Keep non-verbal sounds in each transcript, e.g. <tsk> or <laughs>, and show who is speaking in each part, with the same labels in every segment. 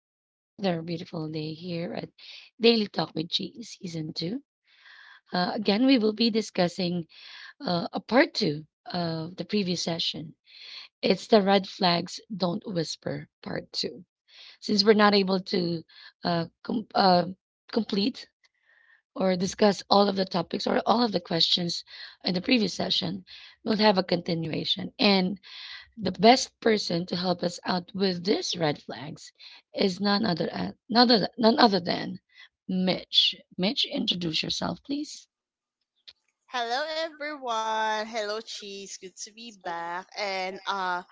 Speaker 1: It's another beautiful day here at Daily Talk with G Season 2. Again, we will be discussing a part two of the previous session. It's the Red Flags Don't Whisper Part 2. Since we're not able to uh, com- uh, complete or discuss all of the topics or all of the questions in the previous session, we'll have a continuation. And the best person to help us out with these red flags is none other a- none other, none other than Mitch. Mitch, introduce yourself, please.
Speaker 2: Hello everyone. Hello Cheese. Good to be back. And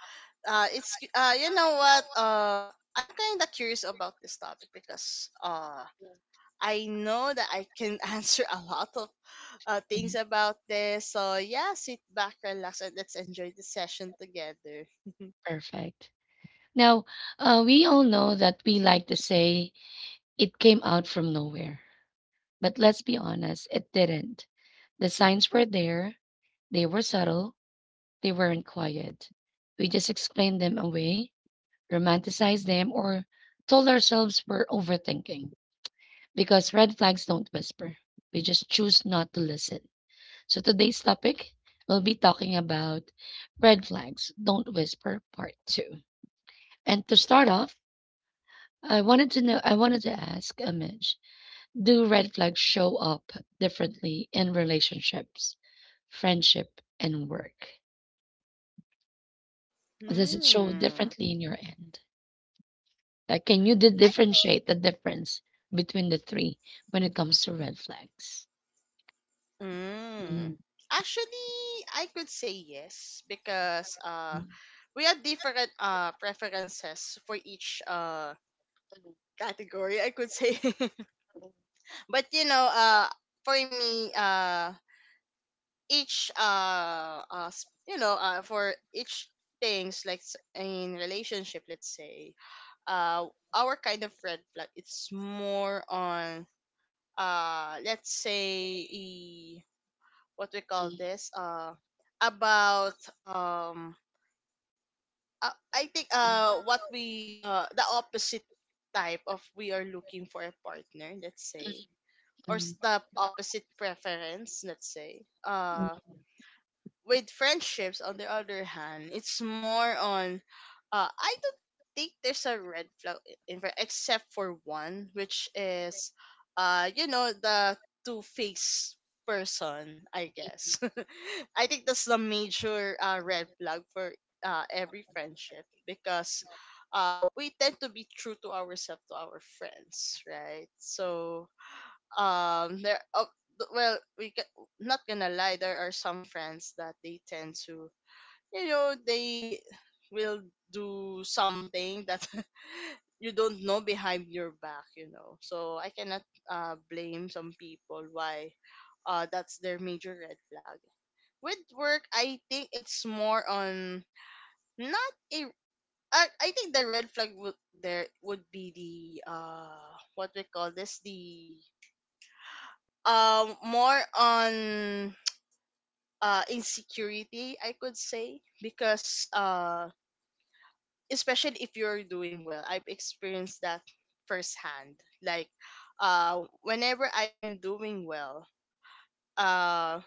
Speaker 2: it's you know what? I'm kind of curious about this topic because I know that I can <laughs> answer a lot of things
Speaker 1: Mhm.
Speaker 2: about this. So yeah, sit back, relax and let's enjoy the session together.
Speaker 1: Perfect. Now, we all know that we like to say it came out from nowhere, but let's be honest, it didn't. The signs were there, they were subtle, they weren't quiet. We just explained them away, romanticized them, or told ourselves we're overthinking, because red flags don't whisper. We just choose not to listen. So today's topic, we'll be talking about red flags don't whisper part 2. And to start off, I wanted to ask Amish, do red flags show up differently in relationships, friendship and work?
Speaker 2: <laughs>
Speaker 1: Does it show
Speaker 2: hmm.
Speaker 1: differently in your end? Like can you
Speaker 2: I
Speaker 1: differentiate the difference between the three when it comes to red flags?
Speaker 2: Mm.
Speaker 1: Mm,
Speaker 2: Actually, I could say yes because
Speaker 1: mm,
Speaker 2: we had different preferences for each category I could say. <laughs> But you know, for me, each s- you know, for each things like in relationship, let's say, uh, our kind of red flag, it's more on let's say what we call
Speaker 1: mm,
Speaker 2: this about um I think
Speaker 1: mm,
Speaker 2: what we the opposite type of we are looking for a partner let's say or the opposite preference, let's say.
Speaker 1: mm,
Speaker 2: With friendships, on the other hand, it's more on. I don't think there's a red flag in except for one, which is, you know, the two faced person. I guess. <laughs> I think that's the major red flag for every friendship because we tend to be true to ourselves to our friends, right? So there Oh, well we can, not gonna lie there are some friends that they tend to, you know, they will do something that <laughs> you don't know behind your back, you know. So I cannot blame some people why that's their major red flag. With work I think it's more on not a I think the red flag would there would be the what we call this the more on <tsk> insecurity I could say, because especially if you're doing well. I've experienced that firsthand, like, uh whenever i'm doing well uh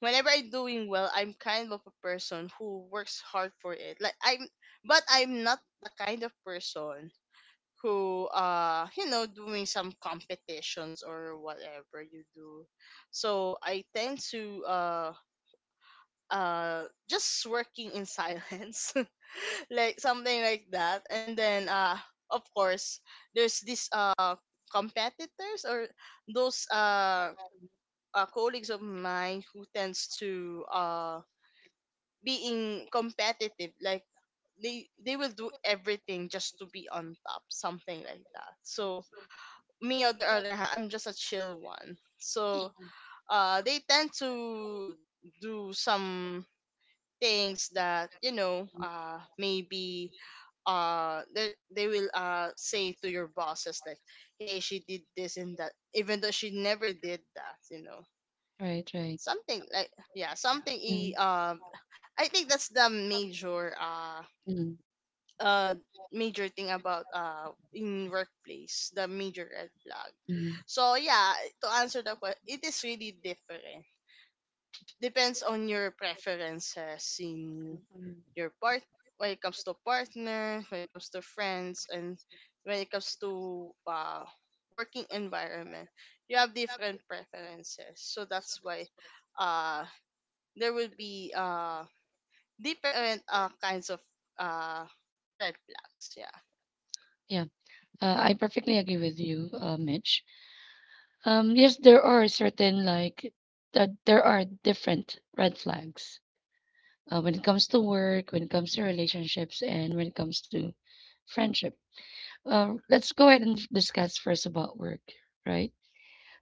Speaker 2: whenever I'm doing well I'm kind of a person who works hard for it, like I'm but I'm not the kind of person who, you know, doing some competitions or whatever you do. So I tend to uh just working in silence. <laughs> Like something like that. And then of course there's this competitors or those, colleagues of mine who tends to being competitive, like they will do everything just to be on top, something like that. So
Speaker 1: Mm.
Speaker 2: me on the other hand, I'm just a chill one. So they tend to do some things that, you know, maybe uh they, they will say to your bosses like, hey, she did this and that even though she never did that, you know,
Speaker 1: Right, right.
Speaker 2: something like yeah, something
Speaker 1: Yeah. Mm,
Speaker 2: I think that's the major
Speaker 1: mm,
Speaker 2: uh major thing about in workplace, the major red flag.
Speaker 1: mm,
Speaker 2: So yeah, to answer the question, it is really different. Depends on your preferences in
Speaker 1: mm.
Speaker 2: your part. When it comes to partners, when it comes to friends, and when it comes to, working environment, you have different preferences. So that's why uh, there will be, different kinds of, uh, red flags. Yeah.
Speaker 1: Yeah, I perfectly agree with you, Mitch. Yes, there are certain like that there are different red flags when it comes to work, when it comes to relationships, and when it comes to friendship. Let's go ahead and discuss first about work, right?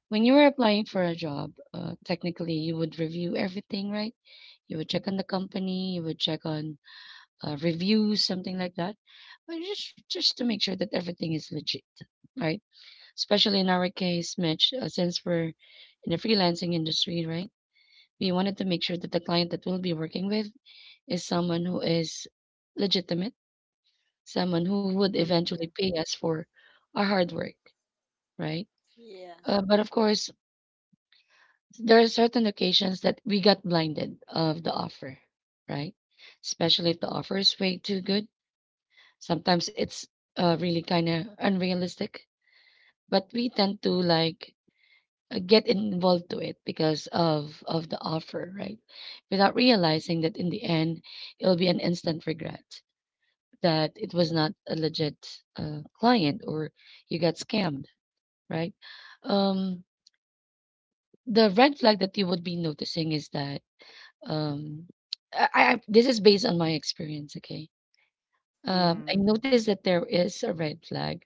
Speaker 1: When you were applying for a job, technically you would review everything, right? You would check on the company, you would check on reviews, something like that. But just to make sure that everything is legit, right? Especially in our case, Mitch, since we're in the freelancing industry, right? We wanted to make sure that the client that we'll be working with is someone who is legitimate, someone who would eventually
Speaker 2: Mm-hmm.
Speaker 1: pay us for our hard work, right?
Speaker 2: Yeah.
Speaker 1: But of course, there are certain occasions that we got blinded of the offer, right? Especially if the offer is way too good. Sometimes it's really kind of unrealistic, but we tend to like get involved to it because of the offer, right? Without realizing that in the end, it'll be an instant regret that it was not a legit client or you got scammed, right? Um, the red flag that you would be noticing is that um, I this is based on my experience, okay? I
Speaker 2: Mm-hmm.
Speaker 1: noticed that there is a red flag.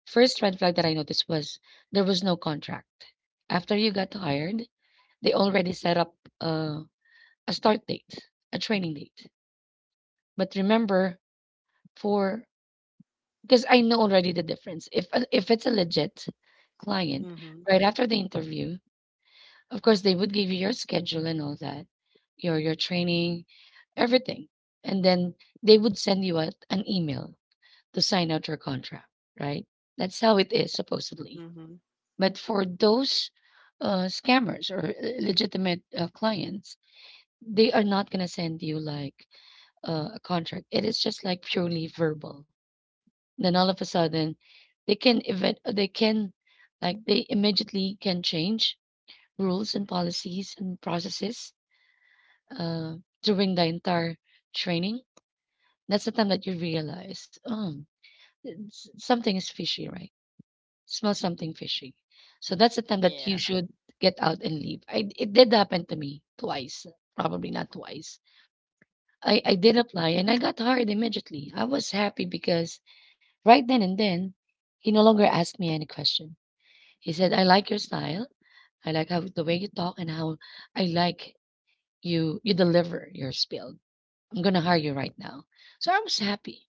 Speaker 1: First red flag that I noticed was there was no contract. After you got hired, they already set up a, a start date, a training date. But remember, for because I know already the difference. If it's a legit client,
Speaker 2: Mm-hmm.
Speaker 1: right after the interview, of course they would give you your schedule and all that, your training, everything, and then they would send you out an email to sign out your contract. Right? That's how it is supposedly.
Speaker 2: Mm-hmm.
Speaker 1: But for those scammers or legitimate clients, they are not going to send you like a contract. It is just like purely verbal. Then all of a sudden, they can like they immediately can change rules and policies and processes uh, during the entire training. That's the time that you realize, something is fishy, right? Smell something fishy. So that's the time that you
Speaker 2: Yeah.
Speaker 1: should get out and leave. It did happen to me twice, probably not twice. I did apply and I got hired immediately. I was happy because right then and then, he no longer asked me any question. He said, I like your style. I like how the way you talk and how I like you deliver your spiel. I'm gonna hire you right now. So I was happy.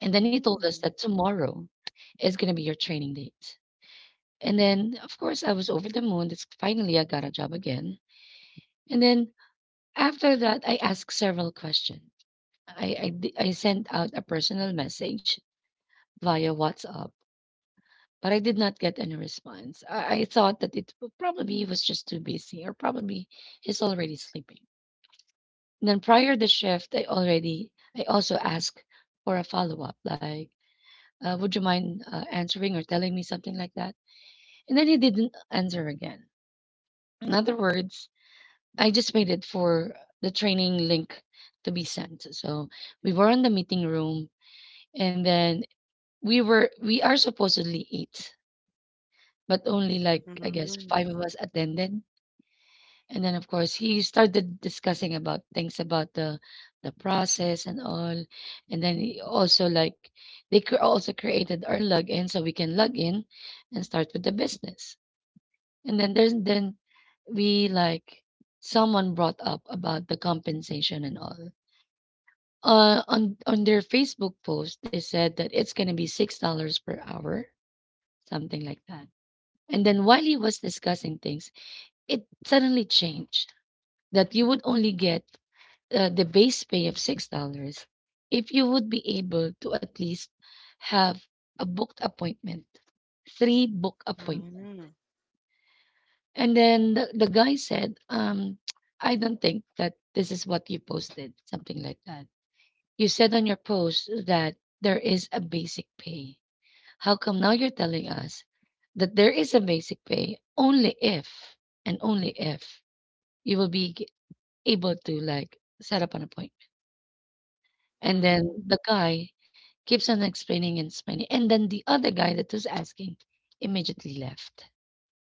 Speaker 1: And then he told us
Speaker 2: Mm-hmm.
Speaker 1: that tomorrow is gonna be your training date. And then, of course, I was over the moon. That's finally I got a job again. And then after that, I asked several questions. I sent out a personal message via WhatsApp, but I did not get any response. I thought that probably he was just too busy, or probably he's already sleeping. And then prior the shift, I also asked for a follow up, like, would you mind answering or telling me something like that? And then he didn't answer again. In other words, I just waited for the training link to be sent. So we were in the meeting room and then we are supposedly eight, but only like I guess
Speaker 2: Mm-hmm.
Speaker 1: five of us attended. And then of course he started discussing about things about the process and all. And then he also like also created our login so we can log in and start with the business. And then there's then we like someone brought up about the compensation and all. On their Facebook post, they said that it's gonna be $6 per hour, something like that. And then while he was discussing things, it suddenly changed that you would only get the base pay of $6 if you would be able to at least have a booked appointment, three book appointment.
Speaker 2: Mm-hmm.
Speaker 1: And then the guy said, <tsk> I don't think that this is what you posted, something like that. You said on your post that there is a basic pay. How come now you're telling us that there is a basic pay only if and only if you will be able to like set up an appointment? And then the guy keeps on explaining and explaining. And then the other guy that was asking immediately left.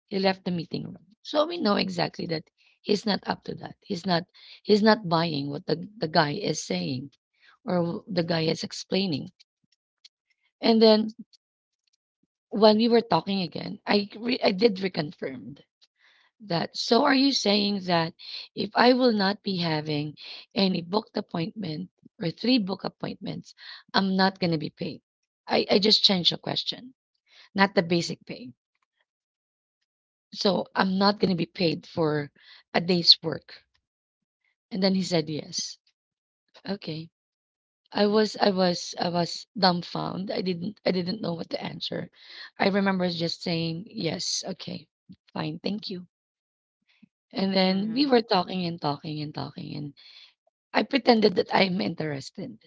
Speaker 1: He left the meeting room. So we know exactly that he's not up to that. He's not buying what the guy is saying or the guy is explaining. And then when we were talking again, I did reconfirmed that. So are you saying that if I will not be having any booked appointment or three book appointments, I'm not going to be paid? I just changed the question, not the basic pay. So I'm not going to be paid for a day's work. And then he said yes. Okay. I was dumbfounded. I didn't know what to answer. I remember just saying yes. Okay. Fine. Thank you. And then we
Speaker 2: Mm-hmm.
Speaker 1: were talking and talking and talking, and I pretended that I'm interested.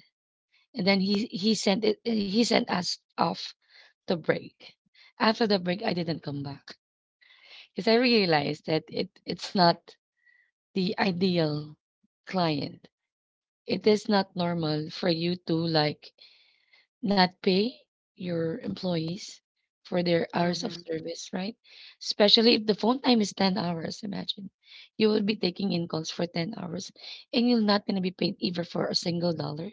Speaker 1: And then he sent it he sent us off to break. After the break, I didn't come back because I realized that it's not the ideal client. It is not normal for you to like not pay your employees for their hours of
Speaker 2: Mm-hmm.
Speaker 1: service, right? Especially if the phone time is 10 hours, imagine. You will be taking in calls for 10 hours and you're not going to be paid either for a single dollar.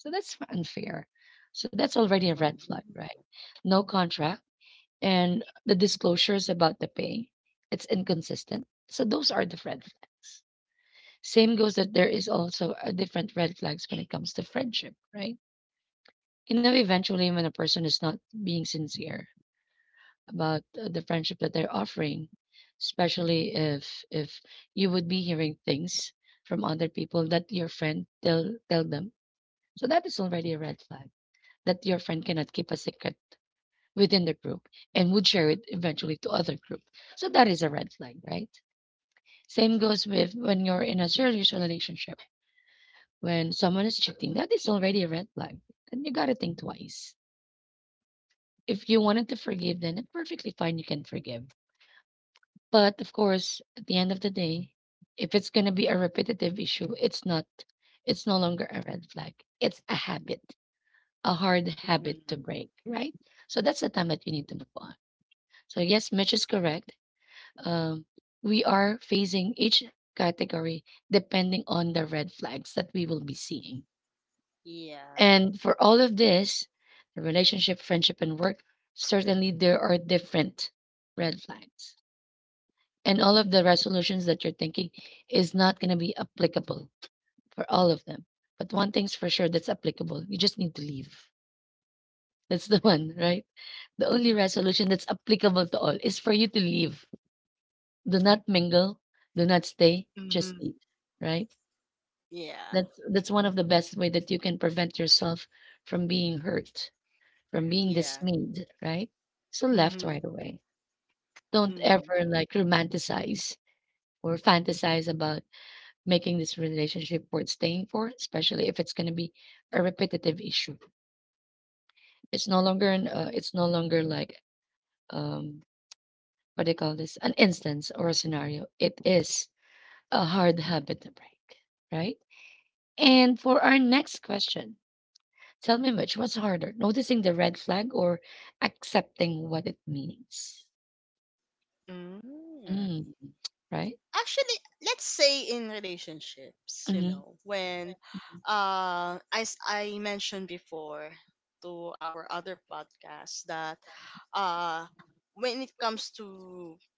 Speaker 1: So that's unfair. So that's already a red
Speaker 2: Oh.
Speaker 1: flag, right? No contract and the disclosures about the pay, it's inconsistent. So those are the red flags. Same goes that there is also a different red flags when it comes to friendship, right? You know, eventually, when a person is not being sincere about the friendship that they're offering, especially if you would be hearing things from other people that your friend tell them, so that is already a red flag that your friend cannot keep a secret within the group and would share it eventually to other group. So that is a red flag, right? Same goes with when you're in a serious relationship, when someone is cheating, that is already a red flag, and you gotta think twice. If you wanted to forgive, then it's perfectly fine, you can forgive. But of course, at the end of the day, if it's gonna be a repetitive issue, it's no longer a red flag. It's a habit, a hard habit to
Speaker 2: Mm-hmm.
Speaker 1: break, right? So that's the time that you need to move on. So yes, Mitch is correct. Um, we are phasing each category depending on the red flags that we will be seeing.
Speaker 2: Yeah.
Speaker 1: And for all of this, the relationship, friendship, and work, certainly there are different red flags. And all of the resolutions that you're thinking is not going to be applicable for all of them. But one thing's for sure that's applicable, you just need to leave. That's the <laughs> one, right? The only resolution that's applicable to all is for you to leave. Do not mingle, do not stay, just
Speaker 2: Mm-hmm.
Speaker 1: leave, right?
Speaker 2: Yeah.
Speaker 1: That's one of the best way that you can prevent yourself from being hurt from being
Speaker 2: Yeah.
Speaker 1: dismayed, right? So left
Speaker 2: Mm-hmm.
Speaker 1: right away. Don't
Speaker 2: Mm-hmm.
Speaker 1: ever like romanticize or fantasize about making this relationship worth staying for, especially if it's going to be a repetitive issue. It's no longer like um what do you call this? An instance or a scenario. It is a hard habit to break, right? And for our next question, tell me Mitch, what's harder, noticing the red flag or accepting what it means?
Speaker 2: Mm.
Speaker 1: Mm, right?
Speaker 2: Actually, let's say in relationships, you
Speaker 1: Mhm,
Speaker 2: know, when,
Speaker 1: mhm,
Speaker 2: as I mentioned before to our other podcast that, uh when it comes to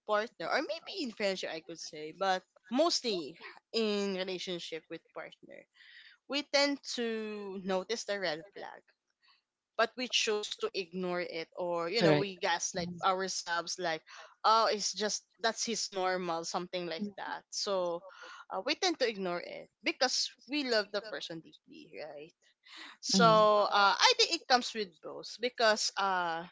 Speaker 2: partner or maybe in friendship I could say, but mostly in relationship with partner, we tend to notice the red flag. But we choose to ignore it, or you know,
Speaker 1: correct.
Speaker 2: we gaslight
Speaker 1: Mhm.
Speaker 2: ourselves like, oh, it's just that's his normal, something like that. So we tend to ignore it because we love the person deeply, right?
Speaker 1: Mhm.
Speaker 2: So I think it comes with both, because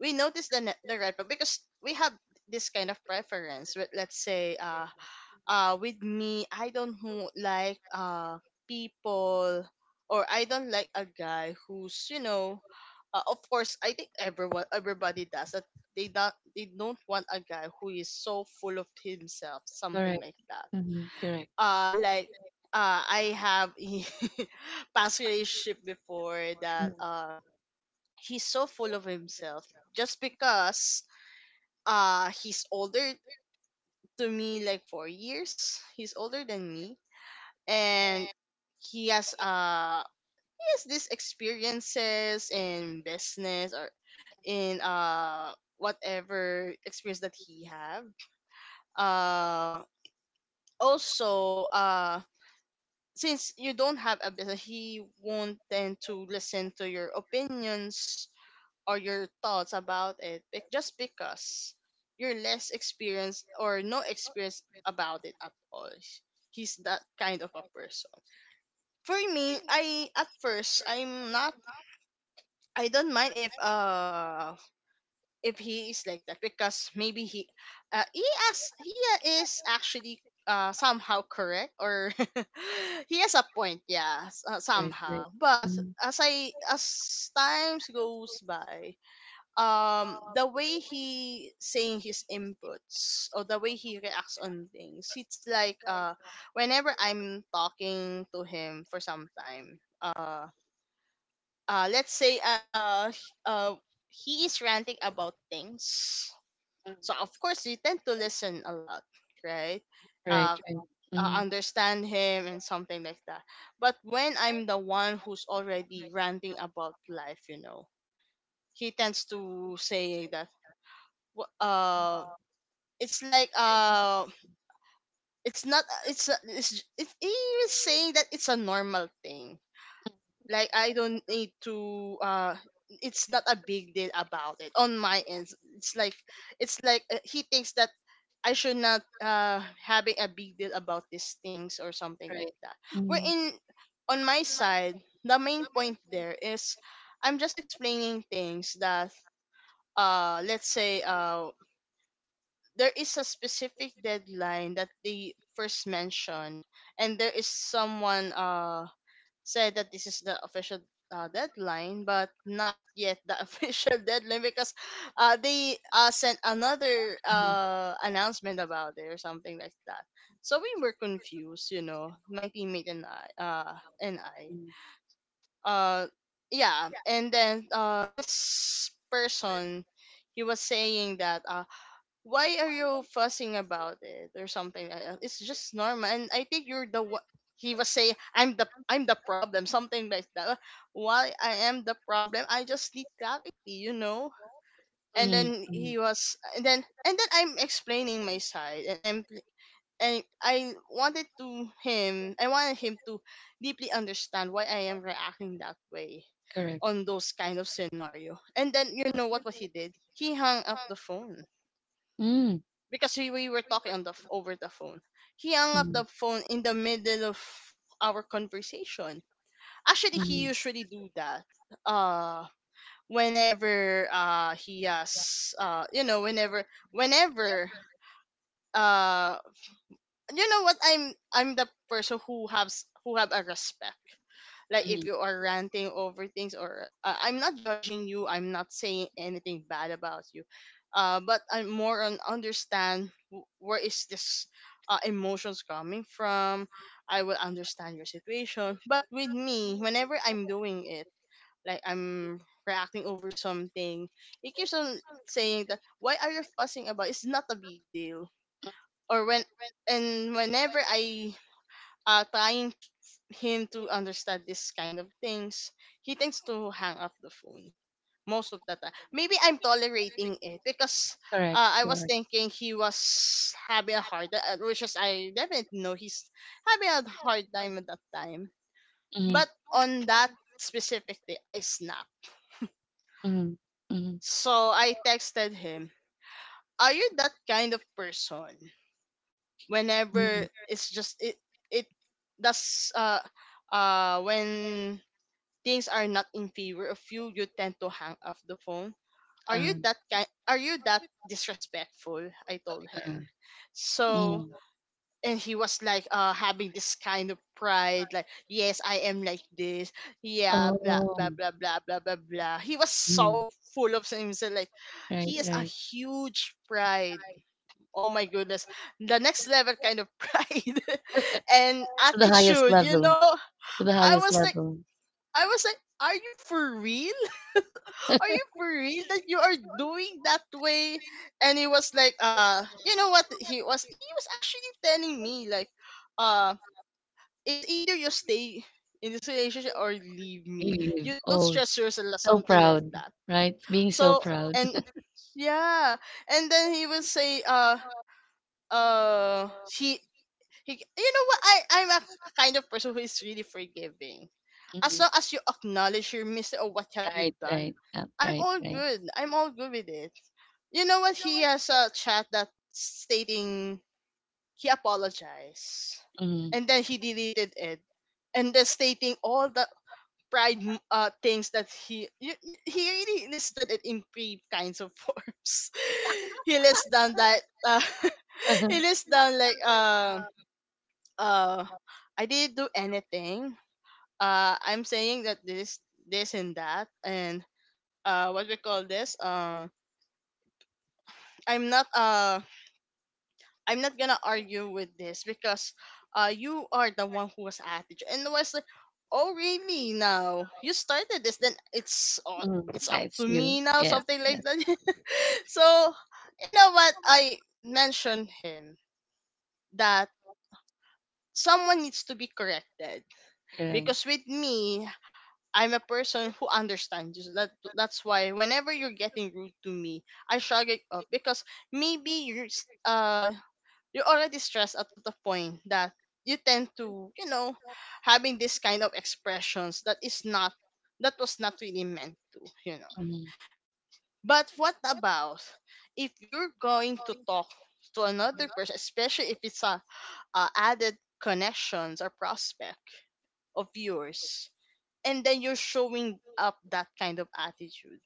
Speaker 2: we notice the red flag because we have this kind of preference with, let's say, with me, I don't who like people, or I don't like a guy who's, you know, of course I think everyone everybody does that. They don't want a guy who is so full of himself, something
Speaker 1: Correct.
Speaker 2: like that.
Speaker 1: Mhm, correct.
Speaker 2: Like I have a <laughs> past relationship before that he's so full of himself just because he's older to me, like 4 years he's older than me, and he has uh he has these experiences in business or in, whatever experience that he have. Uh also since you don't have a business, he won't tend to listen to your opinions or your thoughts about it, just because you're less experienced or no experience about it at all. He's that kind of a person. For me, I at first I'm not. I don't mind if he is like that because maybe uh he he is actually somehow correct, or <laughs> he has a point, yeah,
Speaker 1: Right, right,
Speaker 2: somehow. But as I as times goes by, the way he saying his inputs or the way he reacts on things, it's like, whenever I'm talking to him for some time, let's say, he is ranting about things, so of course you tend to listen a lot, right?
Speaker 1: right,
Speaker 2: uh,
Speaker 1: right. Mm,
Speaker 2: understand him and something like that. But when I'm the one who's already ranting about life, you know, he tends to say that, wh- uh it's like, it's not it's it's he is saying that it's a normal thing, like I don't need to, it's not a big deal about it on my end. It's like he thinks that I should not having a big deal about these things or something like
Speaker 1: right.
Speaker 2: that. We're
Speaker 1: Mm,
Speaker 2: in On my side the main point there is I'm just explaining things that, let's say, there is a specific deadline that they first mentioned, and there is someone said that this is the official, deadline, but not yet the <laughs> official deadline because they sent another, announcement about it or something like that. So we were confused, you know, my teammate and I. Uh, yeah, and then, this person, he was saying that, why are you fussing about it or something like that. It's just normal and I think you're the one, he was saying I'm the problem, something like that. Why I am the problem? I just need clarity, you know. And
Speaker 1: mm,
Speaker 2: then
Speaker 1: mm,
Speaker 2: he was and then I'm explaining my side, and I'm and I wanted to him I wanted him to deeply understand why I am reacting that way
Speaker 1: correct.
Speaker 2: on those kind of scenario. And then, you know what he did, he hung up the phone,
Speaker 1: Mm,
Speaker 2: because we were talking on over the phone. He hung up
Speaker 1: mm,
Speaker 2: the phone in the middle of our conversation. Actually, he
Speaker 1: mm,
Speaker 2: usually do that. Uh, whenever he has you know, whenever uh you know what, I'm the person who has who have a respect. Like if
Speaker 1: mm.
Speaker 2: you are ranting over things or, I'm not judging you, I'm not saying anything bad about you, but I'm more on understand where is this, emotions coming from. I will understand your situation, but with me whenever I'm doing it, like I'm reacting over something, it keeps on saying that, why are you fussing about it? It's not a big deal. Or whenever I, uh, trying t- him to understand this kind of things, he tends to hang up the phone most of the time. Maybe I'm tolerating it because,
Speaker 1: Correct,
Speaker 2: I was
Speaker 1: correct.
Speaker 2: thinking he was having a hard, which is I definitely know he's having a hard time at that time.
Speaker 1: Mm,
Speaker 2: But on that specific day, I snapped.
Speaker 1: mm, mm,
Speaker 2: So I texted him, "Are you that kind of person? Whenever
Speaker 1: mm.
Speaker 2: it's just it, it does when things are not in favor of you, you tend to hang up the phone. Are you
Speaker 1: Uh,
Speaker 2: that kind? Are you that disrespectful?" I told
Speaker 1: uh,
Speaker 2: him. So
Speaker 1: mm.
Speaker 2: and he was like, having this kind of pride, like, yes, I am like this. Yeah, blah blah
Speaker 1: Oh,
Speaker 2: blah blah blah blah blah. He was
Speaker 1: mm,
Speaker 2: so full of himself, like
Speaker 1: right,
Speaker 2: he is a
Speaker 1: right.
Speaker 2: huge pride. Oh my goodness, the next level kind of <laughs> pride and
Speaker 1: To the highest
Speaker 2: attitude. You
Speaker 1: level,
Speaker 2: know,
Speaker 1: to the
Speaker 2: I
Speaker 1: highest
Speaker 2: was like,
Speaker 1: level.
Speaker 2: I was like, are you for real? Are you for real that you are doing that way? And he was like, you know what? He was actually telling me like, uh, it's either you stay in this relationship or leave
Speaker 1: You
Speaker 2: me.
Speaker 1: leave.
Speaker 2: You don't
Speaker 1: Oh,
Speaker 2: stress yourself,
Speaker 1: so
Speaker 2: something like
Speaker 1: proud,
Speaker 2: that.
Speaker 1: right? Being so
Speaker 2: So
Speaker 1: proud.
Speaker 2: and yeah, and then he will say, uh, he he, you know what? I'm a kind of person who is really forgiving. As
Speaker 1: Mm.
Speaker 2: long as you acknowledge your mistake or what have you
Speaker 1: Right,
Speaker 2: done,
Speaker 1: right, yeah,
Speaker 2: I'm
Speaker 1: right,
Speaker 2: all
Speaker 1: right.
Speaker 2: good. I'm all good with it. You know what? He has a chat that stating he apologized,
Speaker 1: Mhm,
Speaker 2: and then he deleted it, and then stating all the pride things that he really listed it in three <laughs> kinds of forms. <laughs> he lists down that <laughs> he lists down like uh I didn't do anything. I'm saying that this and that and what we call this. I'm not uh I'm not gonna argue with this because you are the one who was at it, and I was like, oh really, now you started this, then it's up
Speaker 1: that's
Speaker 2: to
Speaker 1: you.
Speaker 2: me now,
Speaker 1: Yes,
Speaker 2: something like
Speaker 1: yes,
Speaker 2: that. <laughs> So you know what, I mentioned him that someone needs to be corrected
Speaker 1: correct.
Speaker 2: because with me, I'm a person who understands you. So That's why whenever you're getting rude to me, I shrug it off because maybe you're already stressed out to the point that you tend to, you know, having this kind of expressions that is not that was not really meant to, you know.
Speaker 1: Mhm,
Speaker 2: But what about if you're going to talk to another person, especially if a added connections or prospect of yours, and then you're showing up that kind of attitude?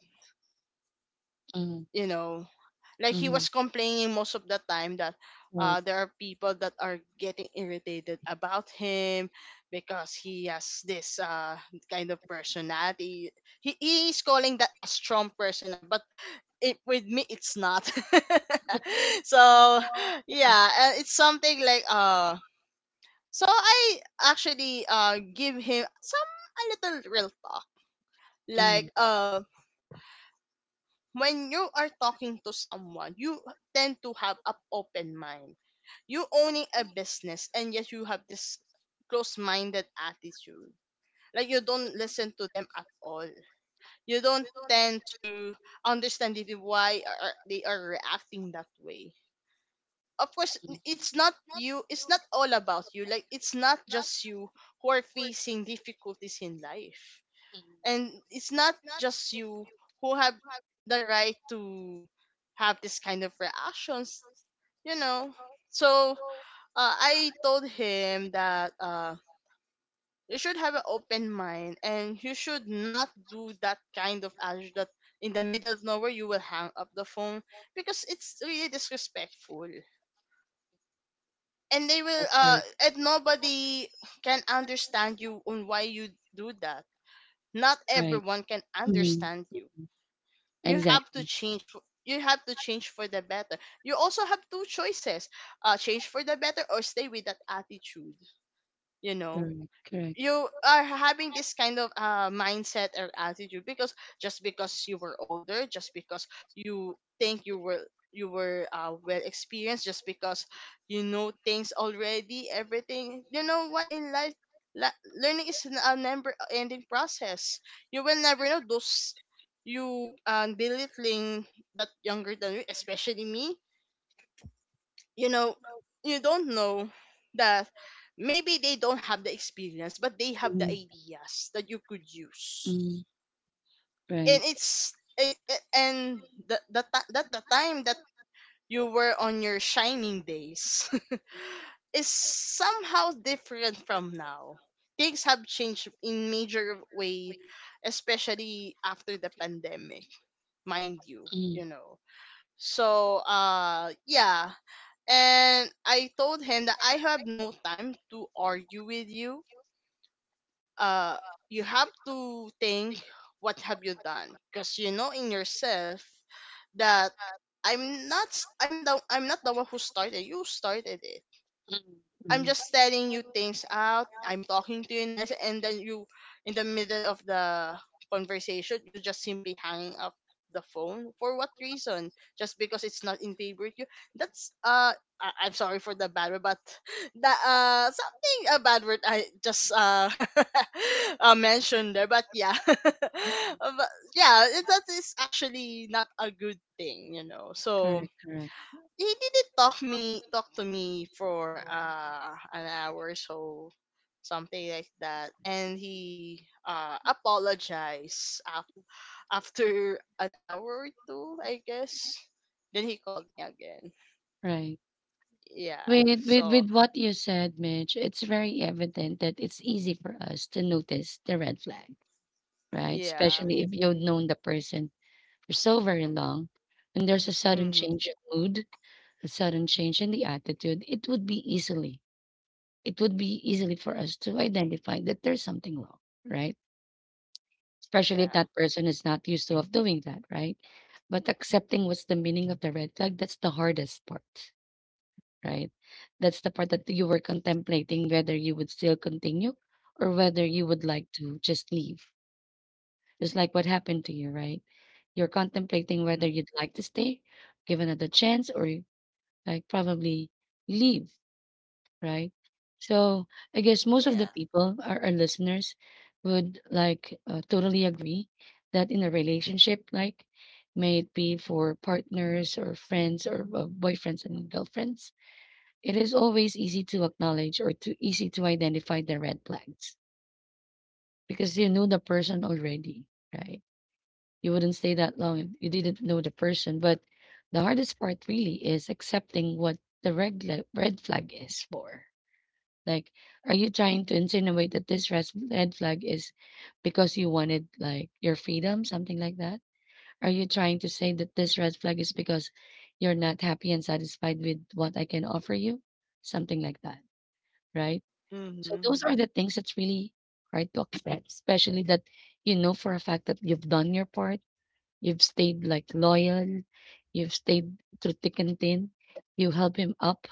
Speaker 1: mhm,
Speaker 2: You know, like he
Speaker 1: mhm,
Speaker 2: was complaining most of the time that there are people that are getting irritated about him because he has this kind of personality. He is calling that a strong personality, but it, with me, it's not. <laughs> So, yeah, it's something like So I actually give him some a little real talk,
Speaker 1: mhm,
Speaker 2: like when you are talking to someone, you tend to have an open mind. You owning a business and yet you have this close minded attitude. Like you don't listen to them at all. You don't tend to understand it, why are they are reacting that way. Of course,
Speaker 1: mhm,
Speaker 2: it's not you. It's not all about you. Like it's not just you who are facing difficulties in life,
Speaker 1: mhm.
Speaker 2: and it's not just you who have the right to have this kind of reactions, you know. So I told him that you should have an open mind, and you should not do that kind of attitude that in the middle of nowhere you will hang up the phone because it's really disrespectful, and they will
Speaker 1: That's right,
Speaker 2: and nobody can understand you on why you do that. Not
Speaker 1: right.
Speaker 2: everyone can
Speaker 1: Mhm,
Speaker 2: understand you. You have to
Speaker 1: exactly.
Speaker 2: change, you have to change for the better. You also have two choices, change for the better or stay with that attitude, you know.
Speaker 1: Correct, correct.
Speaker 2: You are having this kind of mindset or attitude because just because you were older, just because you think you were well experienced, just because you know things already, everything you know what in life. Learning is a never ending process. You will never know those. You Belittling that younger than you, especially me, you know. You don't know that maybe they don't have the experience, but they have the
Speaker 1: Mhm,
Speaker 2: ideas that you could use.
Speaker 1: mhm,
Speaker 2: And
Speaker 1: right.
Speaker 2: the time that you were on your shining days <laughs> is somehow different from now. Things have changed in major way, especially after the pandemic, mind you, you
Speaker 1: Mhm,
Speaker 2: know. So yeah, and I told him that I have no time to argue with you. Uh, you have to think what have you done, because you know in yourself that I'm not the one who started. You started it. I'm just telling you things out. I'm talking to you nice, and then you, in the middle of the conversation, you just simply hanging up the phone for what reason? Just because it's not in favor to you? That's I'm sorry for the bad word, but <laughs> that something a bad word I just <laughs> mentioned there. But yeah, <laughs> but yeah, it, that is actually not a good thing, you know. So
Speaker 1: correct, correct,
Speaker 2: he didn't talk me talk to me for an hour or so, something like that, and he apologized after an hour or two, I guess. Then he called me again.
Speaker 1: right.
Speaker 2: Yeah.
Speaker 1: With with
Speaker 2: So
Speaker 1: with what you said, Mitch, it's very evident that it's easy for us to notice the red flag, right?
Speaker 2: yeah.
Speaker 1: Especially if you've known the person for so very long, and there's a sudden
Speaker 2: Mm-hmm.
Speaker 1: change of mood a sudden change in the attitude, it would be easily for us to identify that there's something wrong, right? Especially if
Speaker 2: Yeah.
Speaker 1: that person is not used to of doing that, right? But accepting what's the meaning of the red flag, that's the hardest part, right? That's the part that you were contemplating whether you would still continue or whether you would like to just leave. Just like what happened to you, right? You're contemplating
Speaker 2: Mm-hmm.
Speaker 1: whether you'd like to stay, give another chance, or like probably leave, right? So I guess most of the
Speaker 2: Yeah.
Speaker 1: people, our listeners, would like totally agree that in a relationship, like may it be for partners or friends or boyfriends and girlfriends, it is always easy to acknowledge or to easy to identify the red flags because you know the person already, right? You wouldn't stay that long if you didn't know the person. But the hardest part really is accepting what the red flag is for, like, are you trying to insinuate that this red flag is because you wanted like your freedom, something like that? Are you trying to say that this red flag is because you're not happy and satisfied with what I can offer you? Something like that, right? So
Speaker 2: Mm-hmm.
Speaker 1: those are the things that's really hard to accept, especially that you know for a fact that you've done your part, you've stayed like loyal, you've stayed through thick and thin, you help him up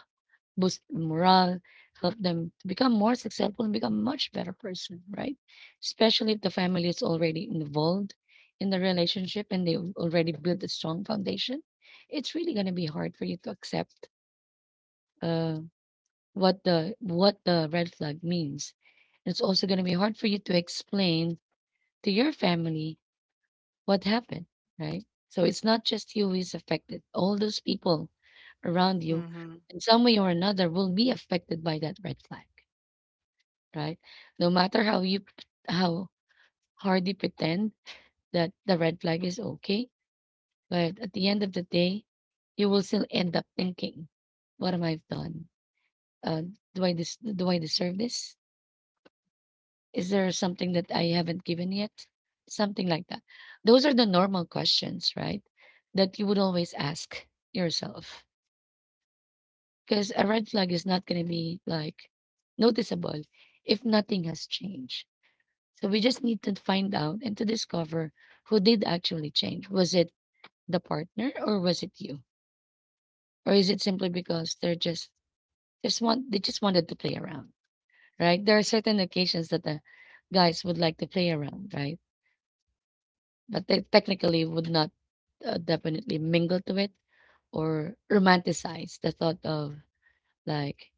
Speaker 1: boost morale, help them to become more successful and become much better person, right? Especially if the family is already involved in the relationship and they've already built a strong foundation, it's really gonna be hard for you to accept uh, what the red flag means. It's also gonna be hard for you to explain to your family what happened, right? So it's not just you who is affected. All those people around you
Speaker 2: Mm-hmm.
Speaker 1: in some way or another will be affected by that red flag. Right? No matter how hard you pretend that the red flag is okay, but at the end of the day, you will still end up thinking, "What am I've done? Uh, do I do I deserve this? Is there something that I haven't given yet? Something like that." Those are the normal questions, right? That you would always ask yourself because a red flag is not going to be like noticeable if nothing has changed. So we just need to find out and to discover who did actually change. Was it the partner or was it you? Or is it simply because they're just want they just wanted to play around, right? There are certain occasions that the guys would like to play around, right? But they technically would not definitely mingle to it or romanticize the thought of like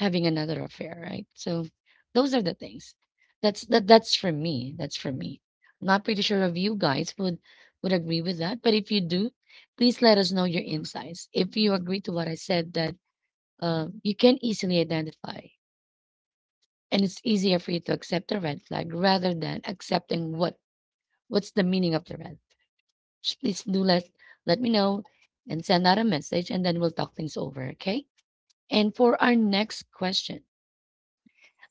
Speaker 1: having another affair, right? So those are the things. That's for me. That's for me. Not pretty sure if you guys would agree with that, but if you do, please let us know your insights. If you agree to what I said that you can easily identify and it's easier for you to accept the red flag rather than accepting what's the meaning of the red. Just please do let me know and send out a message and then we'll talk things over, okay? And for our next question,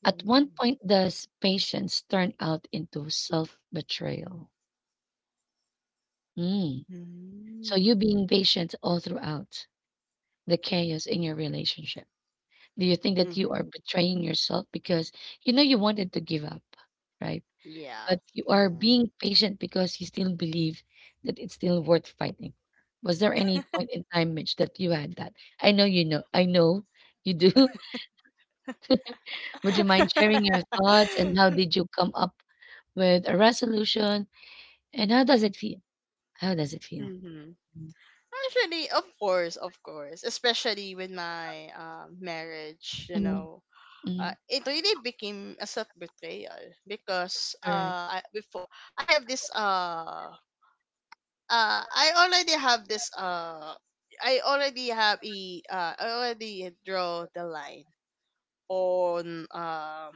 Speaker 1: at one point, does patience turn out into self-betrayal? Mm. So
Speaker 2: Mm-hmm.
Speaker 1: you being patient all throughout the chaos in your relationship. Do you think that you are
Speaker 2: Mm-hmm.
Speaker 1: betraying yourself because you know you wanted to give up, right?
Speaker 2: Yeah.
Speaker 1: But you are
Speaker 2: Mm-hmm.
Speaker 1: being patient because you still believe that it's still worth fighting for. Was there any point in time, Mitch, that you had that? I know you know. I know you do. <laughs> Would you mind sharing your thoughts and how
Speaker 2: <laughs>
Speaker 1: did you come up with a resolution? And how does it feel? How does it feel?
Speaker 2: Mm-hmm.
Speaker 1: Mm.
Speaker 2: Actually, of course, especially with my marriage, you
Speaker 1: Mhm,
Speaker 2: know,
Speaker 1: mhm,
Speaker 2: it really became a self betrayal because I have this I already have this I already have a I already draw the line on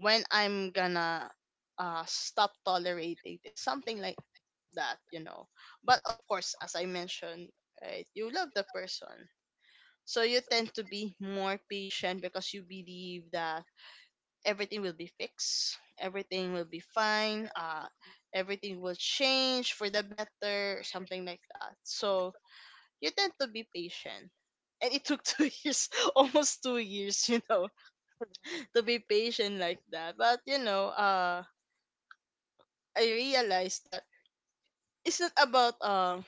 Speaker 2: when I'm gonna stop tolerating this, something like that, you know. But of course, as I mentioned, right, you love the person, so you tend to be more patient because you believe that everything will be fixed, everything will be fine, everything will change for the better, something like that. So you tend to be patient. And it took <laughs> 2 years, almost 2 years, you know, to be patient like that. But you know, I realized that it's not about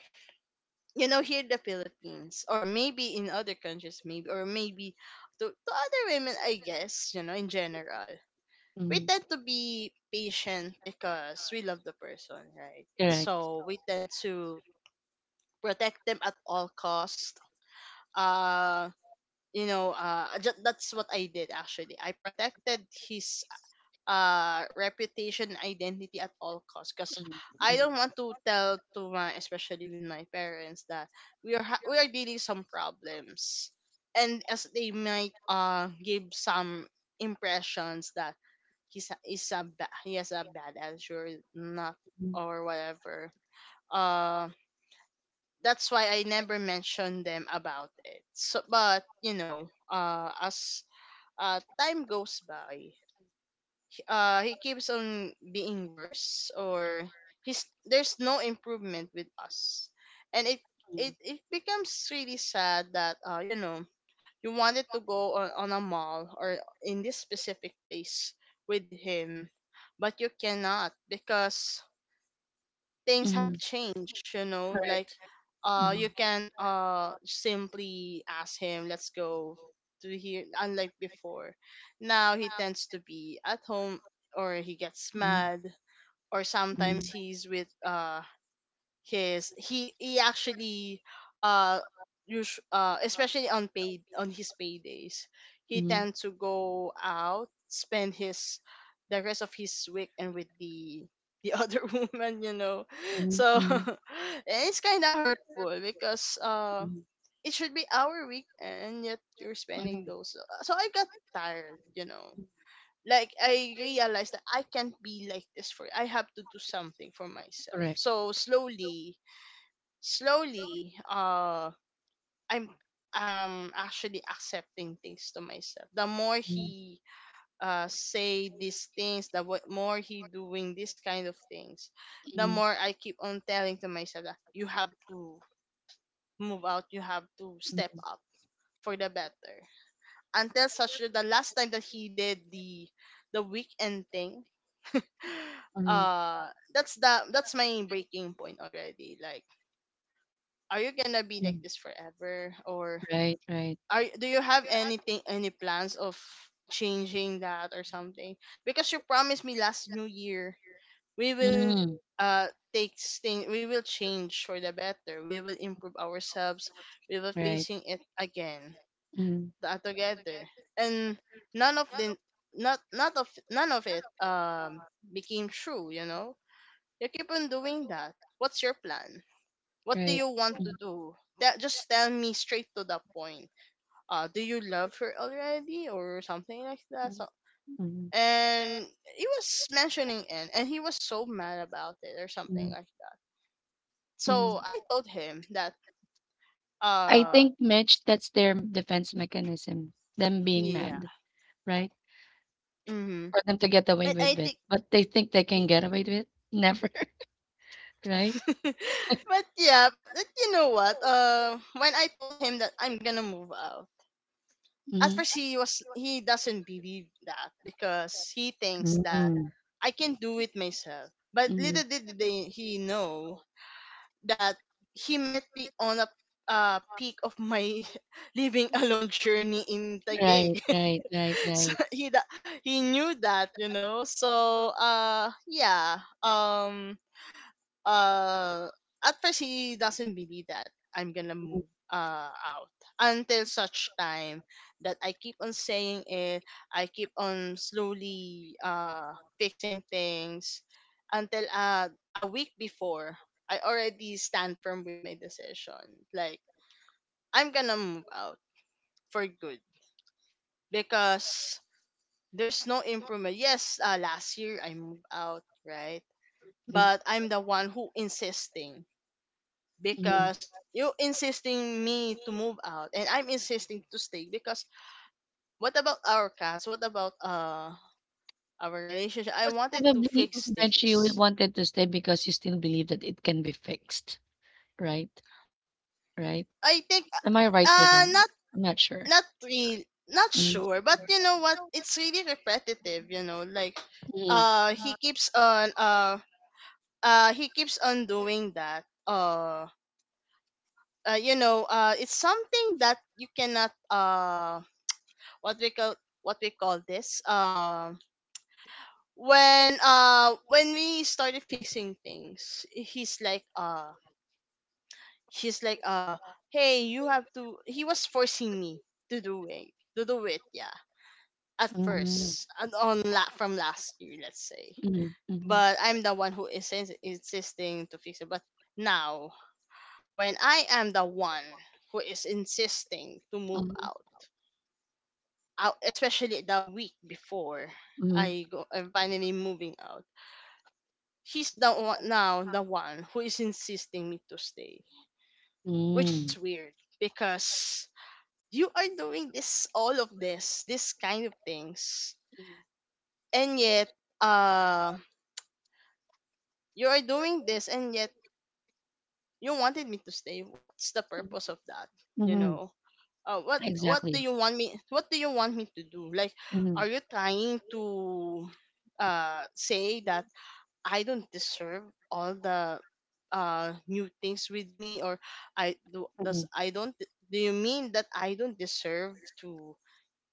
Speaker 2: you know, here in the Philippines, or maybe in other countries, maybe, or maybe to other women, I guess, you know, in general, we
Speaker 1: mhm.
Speaker 2: tend to be patient because we love the person, right?
Speaker 1: Correct.
Speaker 2: So we tend to protect them at all cost. uh you know, that's what I did actually. I protected his reputation identity at all costs because
Speaker 1: Mm,
Speaker 2: I don't want to tell to my, especially with my parents, that we are dealing some problems, and as they might give some impressions that he has a bad attitude, not, or whatever. uh that's why I never mentioned them about it. So, but you know, as time goes by, he keeps on being worse, or he's there's no improvement with us. And it becomes really sad that you know, you wanted to go on a mall or in this specific place with him, but you cannot because things have
Speaker 1: mm.
Speaker 2: changed, you know, like
Speaker 1: Correct. Mm.
Speaker 2: you can simply ask him, let's go to here, unlike before. Now he tends to be at home, or he gets
Speaker 1: Mm,
Speaker 2: mad, or sometimes
Speaker 1: mm.
Speaker 2: he's with his he actually uh especially on paid on his paydays, he
Speaker 1: Mhm,
Speaker 2: tend to go out, spend his the rest of his week and with the <laughs> other woman, you know.
Speaker 1: mhm,
Speaker 2: So <laughs>
Speaker 1: mhm,
Speaker 2: and it's kind of hurtful because
Speaker 1: mhm,
Speaker 2: it should be our week and yet you're spending
Speaker 1: mhm.
Speaker 2: those so I got tired, you know, like I realized that I can't be like this. For I have to do something for myself.
Speaker 1: Correct.
Speaker 2: So slowly, slowly, I'm actually accepting things to myself. The more
Speaker 1: Mhm,
Speaker 2: he say these things, the more he doing this kind of things, the
Speaker 1: mhm,
Speaker 2: more I keep on telling to myself that you have to move out, you have to step
Speaker 1: mhm,
Speaker 2: up for the better. Until such that the last time that he did the weekend thing, <gasps> <sighs>
Speaker 1: mhm,
Speaker 2: uh that's the that's my breaking point already. Like, are you gonna be
Speaker 1: mhm.
Speaker 2: like this forever, or
Speaker 1: Right, right.
Speaker 2: are do you have anything, any plans of changing that or something? Because you promised me last new year we will
Speaker 1: Mm,
Speaker 2: uh take thing, we will change for the better, we will improve ourselves, we will
Speaker 1: right.
Speaker 2: facing it again
Speaker 1: Mm.
Speaker 2: together. And none of the not not of none of it became true, you know. You keep on doing that. What's your plan? What do
Speaker 1: Right.
Speaker 2: you want to do? That, just tell me straight to the point. Do you love her already or something like that?
Speaker 1: Mhm,
Speaker 2: So,
Speaker 1: mhm,
Speaker 2: and he was mentioning it, and he was so mad about it or something
Speaker 1: mhm,
Speaker 2: like that.
Speaker 1: mhm.
Speaker 2: So I told him that,
Speaker 1: I
Speaker 2: uh,
Speaker 1: think, Mitch, that's their defense mechanism, them being
Speaker 2: yeah,
Speaker 1: mad, right?
Speaker 2: mm-hmm.
Speaker 1: For them to get away
Speaker 2: And I
Speaker 1: with it.
Speaker 2: think.
Speaker 1: But they think they
Speaker 2: y-
Speaker 1: can get away with it? Never, <laughs> right?
Speaker 2: <laughs> but yeah, but you know what? When I told him that I'm gonna move out, at
Speaker 1: Hmm.
Speaker 2: first he was he doesn't believe that because he thinks that I can do it myself. But
Speaker 1: Hmm.
Speaker 2: little did they, he know that he met me on a peak of my <laughs> living alone journey in
Speaker 1: Right,
Speaker 2: Taguig.
Speaker 1: right, right,
Speaker 2: <laughs> So
Speaker 1: right.
Speaker 2: he knew that, you know. So yeah, uh at first he doesn't believe that I'm gonna move out until such time that I keep on saying it, I keep on slowly fixing things until a week before I already stand firm with my decision. Like, I'm gonna move out for good because there's no improvement. Yes, last year I moved out, right?
Speaker 1: Mhm,
Speaker 2: But I'm the one who insisting
Speaker 1: mhm.
Speaker 2: because you insisting me to move out and I'm insisting to stay because what about our cats? What about our relationship? I
Speaker 1: Because
Speaker 2: wanted to
Speaker 1: probably,
Speaker 2: fix
Speaker 1: Mitch, you
Speaker 2: things.
Speaker 1: wanted to stay because you still believe that it can be fixed, right? Right?
Speaker 2: I think
Speaker 1: Am I right with them?
Speaker 2: not
Speaker 1: I'm not sure.
Speaker 2: not real not
Speaker 1: Mm-hmm.
Speaker 2: sure, but you know what? It's really repetitive, like uh he keeps on uh he keeps on doing that. It's something that you cannot what we call what we call this. When we started fixing things he's like hey you have to he was forcing me to do it to do it, yeah, at
Speaker 1: Mm-hmm.
Speaker 2: first and from last year, let's say.
Speaker 1: Mm-hmm. Mm-hmm.
Speaker 2: But I'm the one who insisting to fix it, but now when I am the one who is insisting to move
Speaker 1: Uh-huh.
Speaker 2: out especially the week before
Speaker 1: Mm-hmm.
Speaker 2: I'm finally moving out. He's the one now, the one who is insisting me to stay, which is weird because you are doing this, all of this kind of things, and yet uh you are doing this and yet you wanted me to stay. What's the purpose of that? You
Speaker 1: Mm-hmm.
Speaker 2: know. What do
Speaker 1: Exactly.
Speaker 2: you want me to do, like,
Speaker 1: Mhm,
Speaker 2: are you trying to say that I don't deserve all the new things with me? Or I do does
Speaker 1: mhm.
Speaker 2: I don't Do you mean that I don't deserve to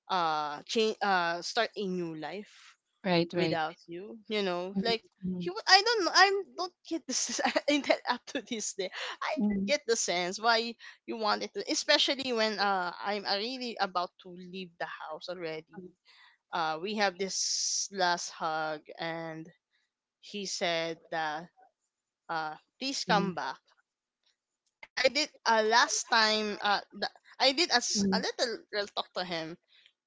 Speaker 2: change, start a new life
Speaker 1: Right, right.
Speaker 2: without you? You know,
Speaker 1: Mhm,
Speaker 2: like, he would I don't know, I don't get this <laughs> in that up to this day. I don't
Speaker 1: mhm,
Speaker 2: get the sense why you wanted to, especially when I'm really about to leave the house already. We have this last hug and he said that please come
Speaker 1: mhm,
Speaker 2: back. And I did last time I did as a
Speaker 1: mhm,
Speaker 2: little real talk to him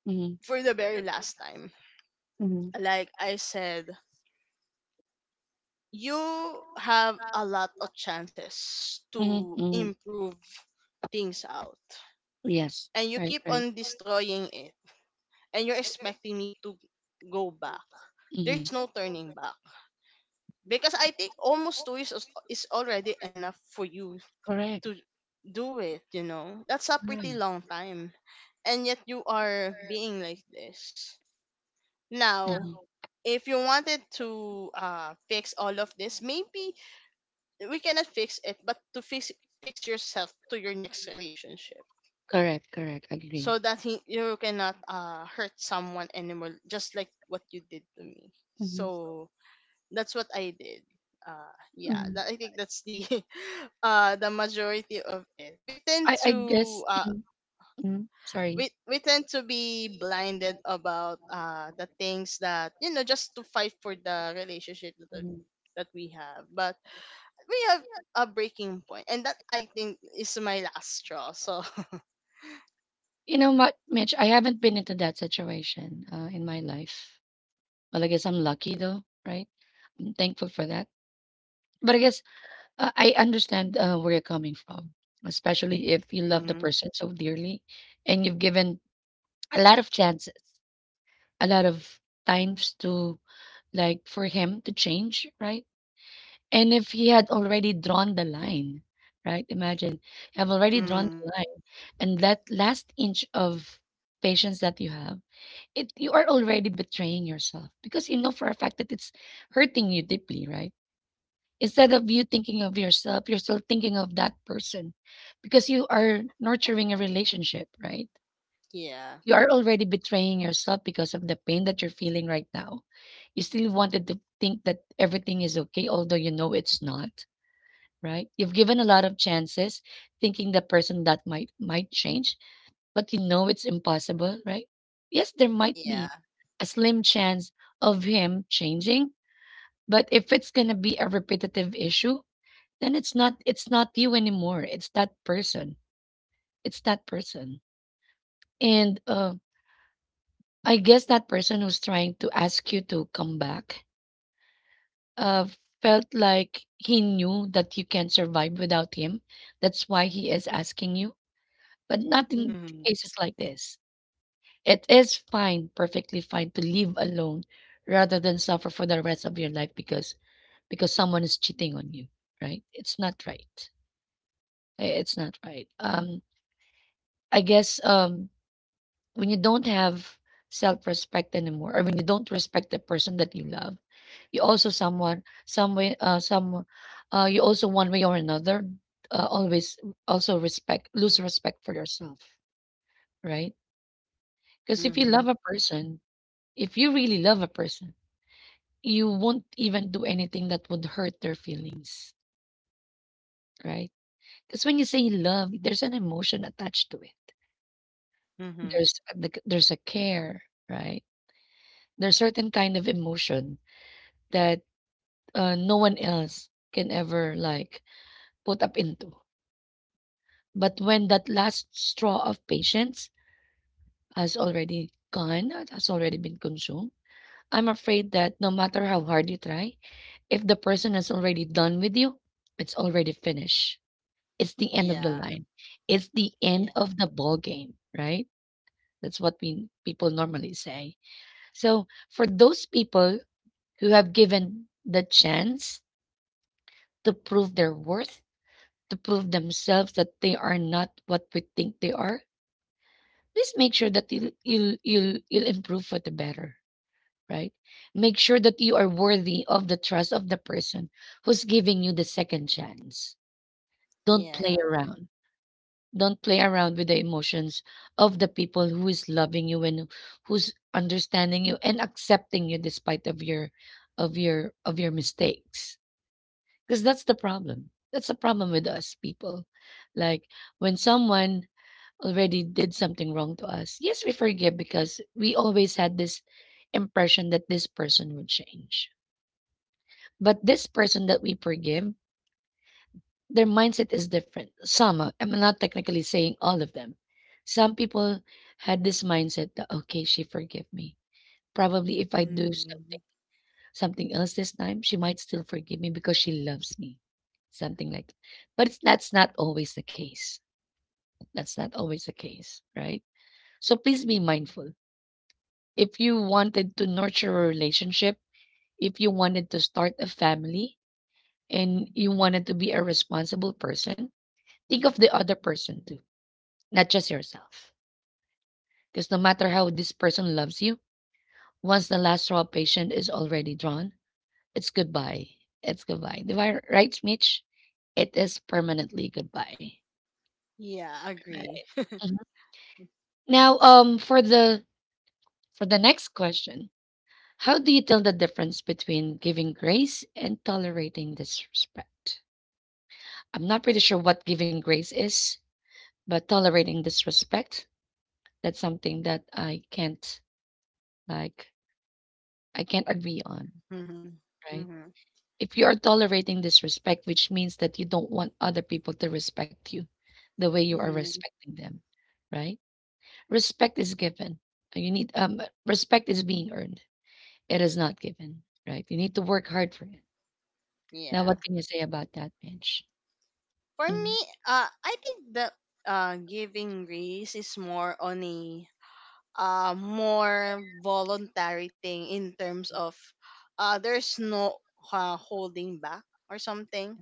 Speaker 1: mhm, mhm,
Speaker 2: for the very last time.
Speaker 1: mhm,
Speaker 2: Like I said, you have a lot of chances
Speaker 1: mhm,
Speaker 2: to
Speaker 1: mhm.
Speaker 2: improve things out,
Speaker 1: Yes.
Speaker 2: and you
Speaker 1: Right,
Speaker 2: keep
Speaker 1: right.
Speaker 2: on destroying it, and you're expecting me to go back.
Speaker 1: Mhm.
Speaker 2: There's no turning back because I think almost 2 years is already enough for you
Speaker 1: Correct.
Speaker 2: to do it, you know? That's a pretty
Speaker 1: Mm,
Speaker 2: long time. And yet you are being like this. Now,
Speaker 1: mhm.
Speaker 2: if you wanted to fix all of this, maybe we cannot fix it, but to fix yourself to your next relationship
Speaker 1: Correct, correct.
Speaker 2: so
Speaker 1: Agree.
Speaker 2: that you cannot hurt someone anymore, just like what you did to me.
Speaker 1: Mhm,
Speaker 2: So that's what I did.
Speaker 1: mhm.
Speaker 2: I think that's the <laughs> the majority of it.
Speaker 1: I guess. Mhm, mhm. Sorry.
Speaker 2: We tend to be blinded about the things that, you know, just to fight for the relationship that we have, but we have a breaking point, and that I think is my last straw. So
Speaker 1: You know what, Mitch? I haven't been into that situation in my life. Well, I guess I'm lucky though, right? I'm thankful for that. But I guess I understand where you're coming from, especially
Speaker 2: <laughs>
Speaker 1: if you love the
Speaker 2: mm-hmm,
Speaker 1: person so dearly and you've given a lot of chances, a lot of times to like for him to change, right? And if he had already drawn the line, right? Imagine you have already drawn
Speaker 2: mm,
Speaker 1: the line and that last inch of patience that you have, it you are already betraying yourself because you know for a fact that it's hurting you deeply, right? Instead of you thinking of yourself, you're still thinking of that person because you are nurturing a relationship, right?
Speaker 2: yeah,
Speaker 1: You are already betraying yourself because of the pain that you're feeling right now. You still wanted to think that everything is okay, although you know it's not, right? You've given a lot of chances thinking the person that might change, but you know it's impossible, right? Yes, there might
Speaker 2: yeah,
Speaker 1: be a slim chance of him changing, but if it's gonna be a repetitive issue, then it's not you anymore. It's that person. It's that person. And I guess that person who's trying to ask you to come back uh, felt like he knew that you can't survive without him. That's why he is asking you, but not in
Speaker 2: mm-hmm,
Speaker 1: cases like this. It is fine, perfectly fine to live alone rather than suffer for the rest of your life because someone is cheating on you, right? It's not right. Eh, it's not right. I guess when you don't have self-respect anymore, or when you don't respect the person that you love, you also someone some way some you also one way or another always also respect lose respect for yourself, right? Because if you
Speaker 2: mm-hmm,
Speaker 1: love a person, if you really love a person, you won't even do anything that would hurt their feelings, right? Because when you say love, there's an emotion attached to it.
Speaker 2: mm-hmm,
Speaker 1: There's a care, right? There's certain kind of emotion that no one else can ever like put up into. But when that last straw of patience has already gone, has already been consumed, I'm afraid that no matter how hard you try, if the person has already done with you, it's already finished. It's the end of the
Speaker 2: yeah,
Speaker 1: line. It's the end
Speaker 2: yeah,
Speaker 1: of the ball game, right? That's what we people normally say. So for those people who have given the chance to prove their worth to prove themselves that they are not what we think they are, please make sure that you'll improve for the better, right? Make sure that you are worthy of the trust of the person who's giving you the second chance. Don't play
Speaker 2: yeah,
Speaker 1: around. Don't play around with the emotions of the people who is loving you and who's understanding you and accepting you despite of your of your mistakes. Because that's the problem. That's the problem with us people. Like when someone already did something wrong to us, yes, we forgive because we always had this impression that this person would change. But this person that we forgive, their mindset is different. Some, I'm not technically saying all of them. Some people had this mindset that, okay, she forgave me. Probably if I do
Speaker 2: mm-hmm,
Speaker 1: something, something else this time, she might still forgive me because she loves me. Something like that. But that's not always the case. That's not always the case, right? So please be mindful. If you wanted to nurture a relationship, if you wanted to start a family, and you wanted to be a responsible person, think of the other person too, not just yourself. Because no matter how this person loves you, once the last straw patient is already drawn, it's goodbye. It's goodbye. Di ba? Right, Mitch? It is permanently goodbye.
Speaker 2: yeah,
Speaker 1: Right.
Speaker 2: agree. <laughs>
Speaker 1: Mhm. Now, for the next question, how do you tell the difference between giving grace and tolerating disrespect? I'm not pretty sure what giving grace is, but tolerating disrespect, that's something that I can't, like, I can't agree on,
Speaker 2: Mm-hmm,
Speaker 1: right?
Speaker 2: mm-hmm,
Speaker 1: If you are tolerating disrespect, which means that you don't want other people to respect you the way you are
Speaker 2: mm-hmm,
Speaker 1: respecting them, right? Respect is given. You need respect is being earned. It is not given, right? You need to work hard for it. Now
Speaker 2: yeah.
Speaker 1: what can you say about that, Bench?
Speaker 2: For me,
Speaker 1: Mhm.
Speaker 2: I think the giving grace is more on a more voluntary thing in terms of there's no holding back or something,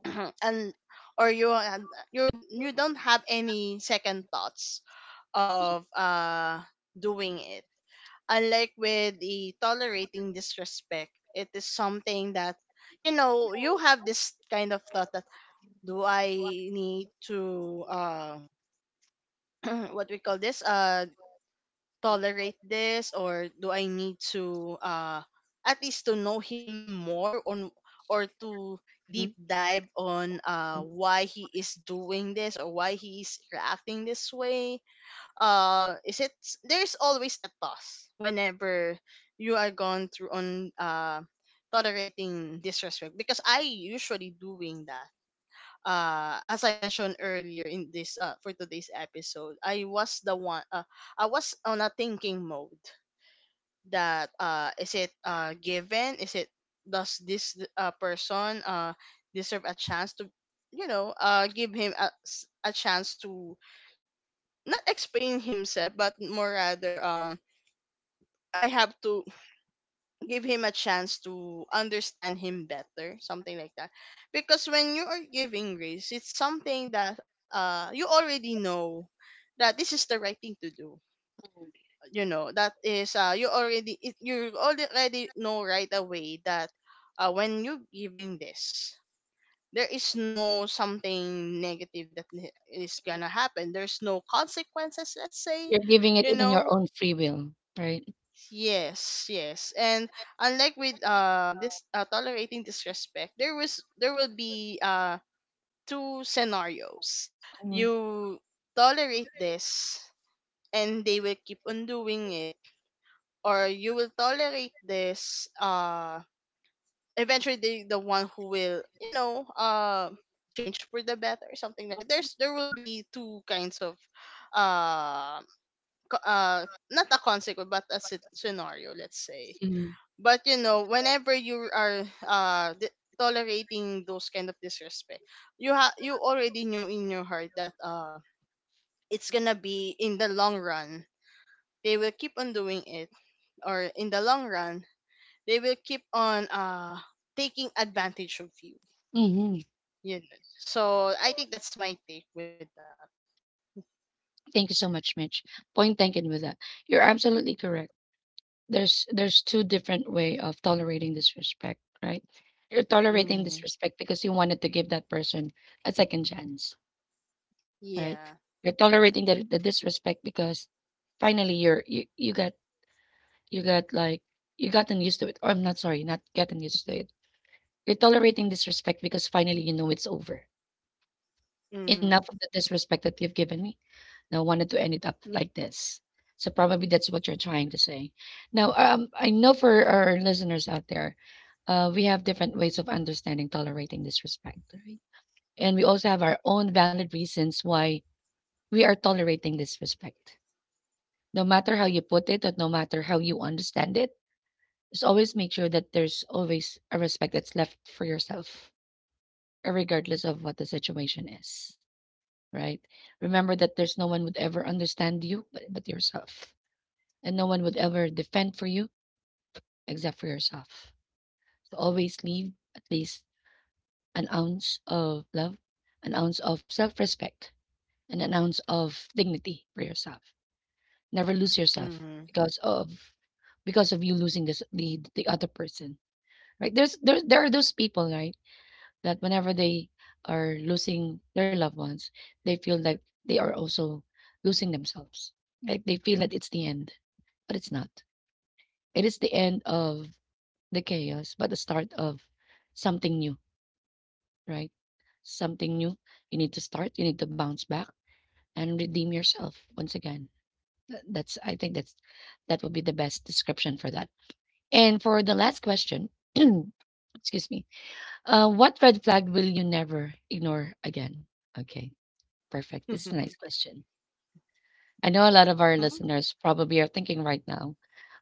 Speaker 2: <clears throat> and or you don't have any second thoughts of doing it. Unlike with the tolerating disrespect, it is something that you know, you have this kind of thought that do I need to <clears throat> what we call this tolerate this, or do I need to at least to know him more on, or to deep dive on why he is doing this or why he is reacting this way. Is it There's always a toss whenever you are going through on tolerating disrespect, because I usually doing that. As I mentioned earlier in this for today's episode, I was the one. I was on a thinking mode that is it given? Is it, does this person deserve a chance to, you know, give him a chance to not explain himself, but more rather I have to give him a chance to understand him better, something like that. Because when you are giving grace, it's something that you already know that this is the right thing to do. You know that is you already know right away that when you giving this, there is no something negative that is gonna happen, there's no consequences, let's say.
Speaker 1: You're giving it
Speaker 2: You
Speaker 1: in your
Speaker 2: know.
Speaker 1: own free will, right?
Speaker 2: Yes, yes. And unlike with this tolerating disrespect, there will be two scenarios.
Speaker 1: Mhm.
Speaker 2: You tolerate this and they will keep on doing it, or you will tolerate this, eventually they the one who will, you know, change for the better or something like that. There's there will be two kinds of uh co- uh not a consequence but a scenario, let's say.
Speaker 1: Mm,
Speaker 2: But you know, whenever you are tolerating those kind of disrespect, you already know in your heart that it's gonna be in the long run, they will keep on doing it, or in the long run they will keep on taking advantage of you,
Speaker 1: mhm.
Speaker 2: you know. So I think that's my take with that.
Speaker 1: Thank you so much, Mitch. Point taken with that. You're absolutely correct. There's two different way of tolerating disrespect, right? You're tolerating
Speaker 2: Mm-hmm.
Speaker 1: disrespect because you wanted to give that person a second chance, right?
Speaker 2: Yeah.
Speaker 1: You're tolerating the disrespect because finally you got like you gotten used to it. Or I'm not sorry, not gotten used to it. You're tolerating disrespect because finally you know it's over. Enough
Speaker 2: Mm-hmm.
Speaker 1: of the disrespect that you've given me. Now, wanted to end it up like this. So probably that's what you're trying to say. Now, I know for our listeners out there, we have different ways of understanding, tolerating disrespect, right? And we also have our own valid reasons why we are tolerating disrespect. No matter how you put it, or no matter how you understand it, just always make sure that there's always a respect that's left for yourself, regardless of what the situation is, right? Remember that there's no one would ever understand you but yourself, and no one would ever defend for you except for yourself. So always leave at least an ounce of love, an ounce of self respect, and an ounce of dignity for yourself. Never lose yourself
Speaker 2: Mm-hmm.
Speaker 1: because of because of you losing this the other person. Right? There are those people, right, that whenever they are losing their loved ones, they feel like they are also losing themselves. Like they feel that it's the end, but it's not. It is the end of the chaos, but the start of something new, right? Something new. You need to start, you need to bounce back and redeem yourself once again. That's I think that's that would be the best description for that. And for the last question, <clears throat> excuse me. What red flag will you never ignore again? Okay, perfect. This is a nice
Speaker 2: <laughs>
Speaker 1: question. I know a lot of our
Speaker 2: Mm.
Speaker 1: listeners probably are thinking right now,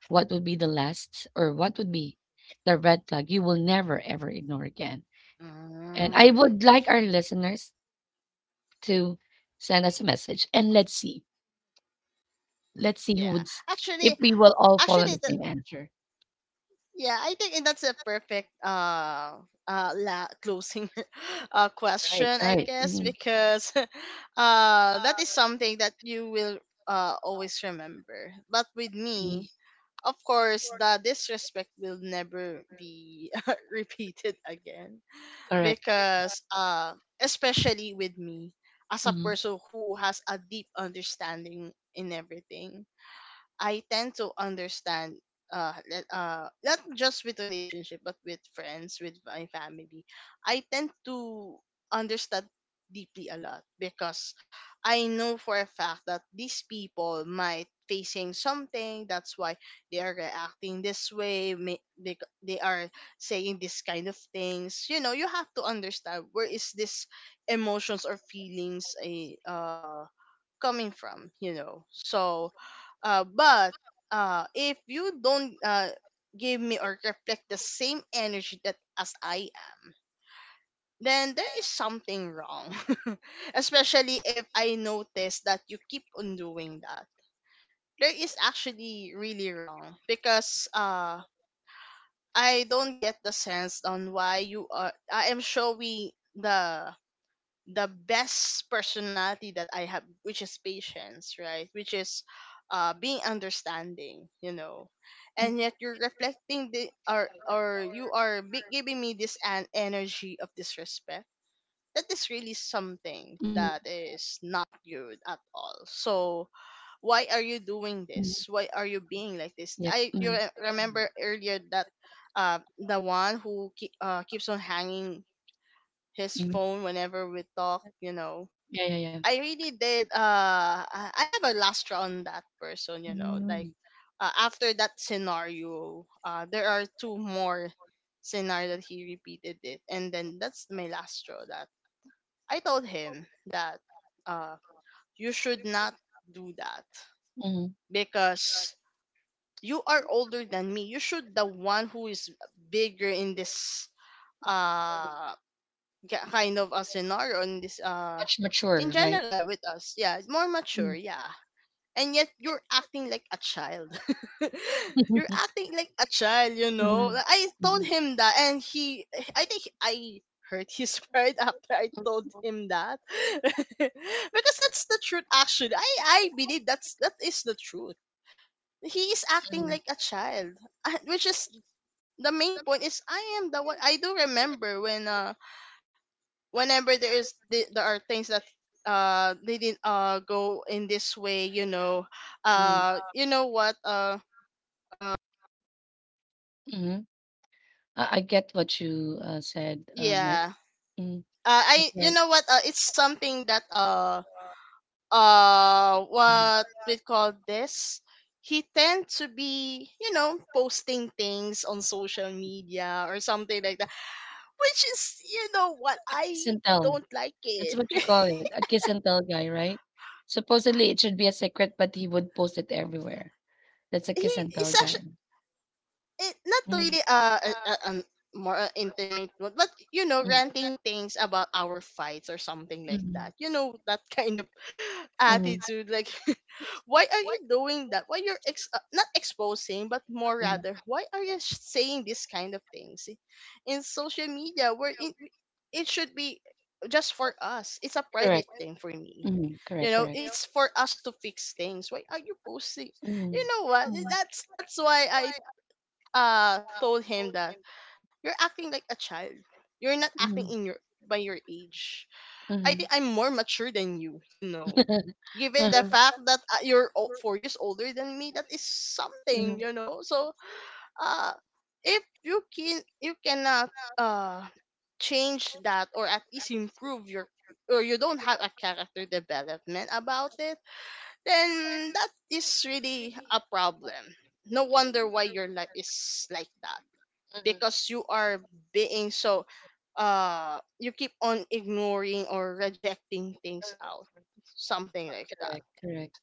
Speaker 1: what would be the last or what would be the red flag you will never ever ignore again? And I
Speaker 2: Mm,
Speaker 1: would like our listeners to send us a message and let's see. Let's see who
Speaker 2: yeah.
Speaker 1: would
Speaker 2: actually
Speaker 1: if we will all fall on
Speaker 2: actually
Speaker 1: the
Speaker 2: the.
Speaker 1: same answer.
Speaker 2: Yeah, I think, and that's a perfect closing <laughs>
Speaker 1: Right,
Speaker 2: question, I
Speaker 1: right.
Speaker 2: guess,
Speaker 1: Mhm,
Speaker 2: because <laughs> that is something that you will always remember. But with
Speaker 1: mhm,
Speaker 2: me, of course, the disrespect will never be <laughs> repeated again,
Speaker 1: correct.
Speaker 2: because especially with me, as a
Speaker 1: Mm,
Speaker 2: person who has a deep understanding in everything, I tend to understand not just with relationship, but with friends, with my family. I tend to understand deeply a lot, because I know for a fact that these people might facing something, that's why they are reacting this way. They are saying this kind of things, you know, you have to understand where is this emotions or feelings a coming from, you know. So but if you don't give me or reflect the same energy that as I am, then there is something wrong. <laughs> Especially if I notice that you keep on doing that, there is actually really wrong, because I don't get the sense on why you are I am showing the best personality that I have, which is patience, right? Which is being understanding, you know. And
Speaker 1: mm,
Speaker 2: yet you're reflecting the, or you are giving me this an energy of disrespect. That is really something
Speaker 1: mm,
Speaker 2: that is not good at all. So why are you doing
Speaker 1: mm,
Speaker 2: this? Why are you being like this?
Speaker 1: yep. Mm-hmm.
Speaker 2: Remember earlier that the one who keeps on hanging his
Speaker 1: Mm-hmm.
Speaker 2: phone whenever we talk, you know.
Speaker 1: Yeah, yeah, yeah.
Speaker 2: I really did. I have a last round that person. You know,
Speaker 1: Mm,
Speaker 2: like, after that scenario, there are two more scenario that he repeated it, and then that's my last straw. That I told him that uh, you should not do that
Speaker 1: mm.
Speaker 2: because you are older than me. You should the one who is bigger in this uh kind of a scenario in this
Speaker 1: Much mature,
Speaker 2: in
Speaker 1: right?
Speaker 2: general with us, yeah, more mature,
Speaker 1: Mm,
Speaker 2: yeah. And yet you're acting like a child. <laughs> You're
Speaker 1: hmm.
Speaker 2: acting like a child, you know. Like, I told him that, and I think I hurt his <laughs> pride after I told him that, <laughs> because that's the truth. Actually, I believe that's that is the truth. He is acting like a child, <laughs> which is the main point. Is I am the one. I do remember when whenever there are things that didn't go in this way, you know. You know what uh
Speaker 1: Mm-hmm. I get what you said, Mitch.
Speaker 2: yeah.
Speaker 1: Mm. That's
Speaker 2: I, you
Speaker 1: right.
Speaker 2: know what, it's something that
Speaker 1: Mm.
Speaker 2: what we call this, he tend to be, you know, posting things on social media or something like that, which is, you know what,
Speaker 1: But kiss
Speaker 2: I
Speaker 1: and tell.
Speaker 2: don't like
Speaker 1: That's
Speaker 2: it.
Speaker 1: what you
Speaker 2: <laughs>
Speaker 1: call it, a kiss and tell guy, right? Supposedly it should be a secret, but he would post it everywhere. That's a kiss
Speaker 2: He
Speaker 1: and tell
Speaker 2: is
Speaker 1: guy.
Speaker 2: actually, it not
Speaker 1: Mm,
Speaker 2: really an more intimate one, but you know,
Speaker 1: mm,
Speaker 2: ranting things about our fights or something like
Speaker 1: mhm,
Speaker 2: that. You know, that kind of <laughs>
Speaker 1: mhm,
Speaker 2: attitude, like, <laughs> why are you doing that? Why you're not exposing, but more
Speaker 1: mhm.
Speaker 2: rather, why are you saying this kind of things in social media? Where in, it should be just for us. It's a
Speaker 1: Correct.
Speaker 2: private thing for me.
Speaker 1: Mhm, correct,
Speaker 2: You know,
Speaker 1: correct.
Speaker 2: it's for us to fix things. Why are you posting?
Speaker 1: Mhm,
Speaker 2: You know what? That's why I told him that you're acting like a child. You're not acting
Speaker 1: mhm,
Speaker 2: in your by your age. I think
Speaker 1: mhm.
Speaker 2: I'm more mature than you, you know.
Speaker 1: <laughs>
Speaker 2: Given the
Speaker 1: Uh-huh,
Speaker 2: fact that you're 4 years older than me, that is
Speaker 1: mhm, mhm,
Speaker 2: something, you know. So, uh if you can you cannot uh change that, or at least improve your, or you don't have a character development about it, then that is really a problem. No wonder why your life is like that,
Speaker 1: mhm.
Speaker 2: because you are being so you keep on ignoring or rejecting things out, something like that.
Speaker 1: Correct, correct.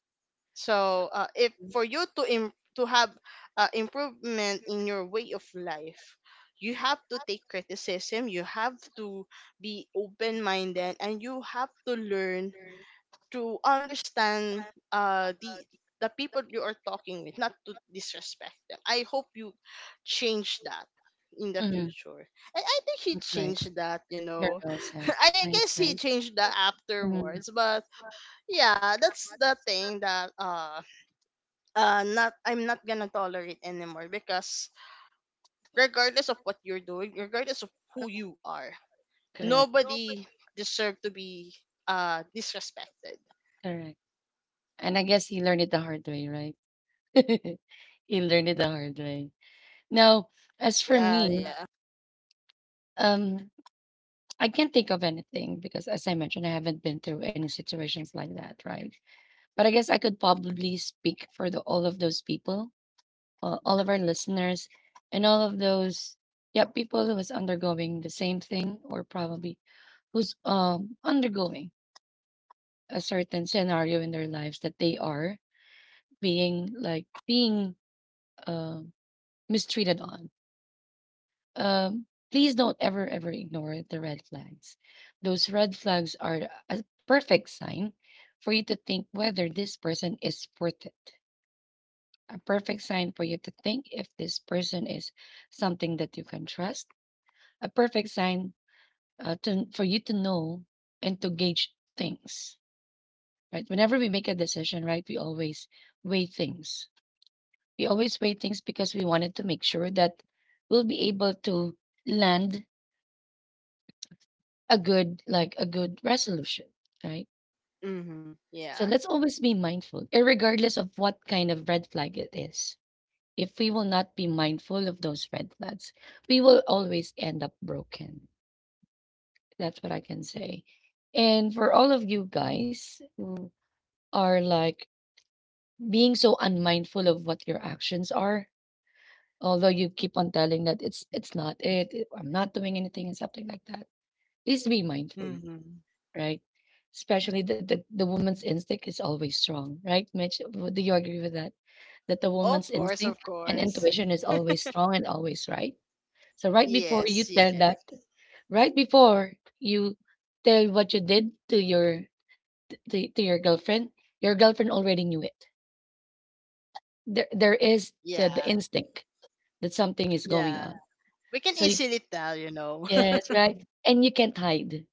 Speaker 2: So if for you to have improvement in your way of life, you have to take criticism, you have to be open minded, and you have to learn to understand uh the the people you are talking with, not to disrespect them. I hope you change that in the
Speaker 1: Mhm,
Speaker 2: future. And I think he
Speaker 1: that's right.
Speaker 2: changed that, you
Speaker 1: Very
Speaker 2: know.
Speaker 1: well
Speaker 2: <laughs>
Speaker 1: said.
Speaker 2: I
Speaker 1: Nice,
Speaker 2: guess he
Speaker 1: nice.
Speaker 2: changed that
Speaker 1: Mhm,
Speaker 2: afterwards. But yeah, that's the thing that not, I'm not gonna tolerate anymore, because regardless of what you're doing, regardless of who you are,
Speaker 1: correct,
Speaker 2: nobody deserve to be disrespected.
Speaker 1: correct. And I guess he learned it the hard way, right? <laughs> You learn it the hard way. Now, as for me,
Speaker 2: Yeah, yeah.
Speaker 1: um, I can't think of anything because, as I mentioned, I haven't been through any situations like that, right? But I guess I could probably speak for all of those people, all of our listeners, and all of those, yeah, people who was undergoing the same thing or probably who's undergoing a certain scenario in their lives that they are being um mistreated on. Please don't ever, ever ignore the red flags. Those red flags are a perfect sign for you to think whether this person is worth it. A perfect sign for you to think if this person is something that you can trust. A perfect sign for you to know and to gauge things, right? Whenever we make a decision, right, we always weigh things. We always weigh things because we wanted to make sure that we'll be able to land a good like a good resolution, right?
Speaker 2: Mm-hmm.
Speaker 1: So let's
Speaker 2: Yeah.
Speaker 1: always be mindful, regardless of what kind of red flag it is. If we will not be mindful of those red flags, we will always end up broken. That's what I can say. And for all of you guys who are like being so unmindful of what your actions are, although you keep on telling that it's not it, it- I'm not doing anything and something like that. Please be mindful,
Speaker 2: Mm-hmm.
Speaker 1: right? Especially that the woman's instinct is always strong, right, Mitch? Do you agree with that? That the woman's
Speaker 2: Of course,
Speaker 1: instinct
Speaker 2: of
Speaker 1: and
Speaker 2: course.
Speaker 1: intuition is always strong and always right. So right before you
Speaker 2: Yes,
Speaker 1: tell that,
Speaker 2: yes.
Speaker 1: right before you tell what you did to your to your girlfriend already knew it. There is
Speaker 2: Yeah,
Speaker 1: the instinct that something is going on.
Speaker 2: yeah. We
Speaker 1: So
Speaker 2: can
Speaker 1: you,
Speaker 2: easily tell, you know.
Speaker 1: yes, right, and you can't hide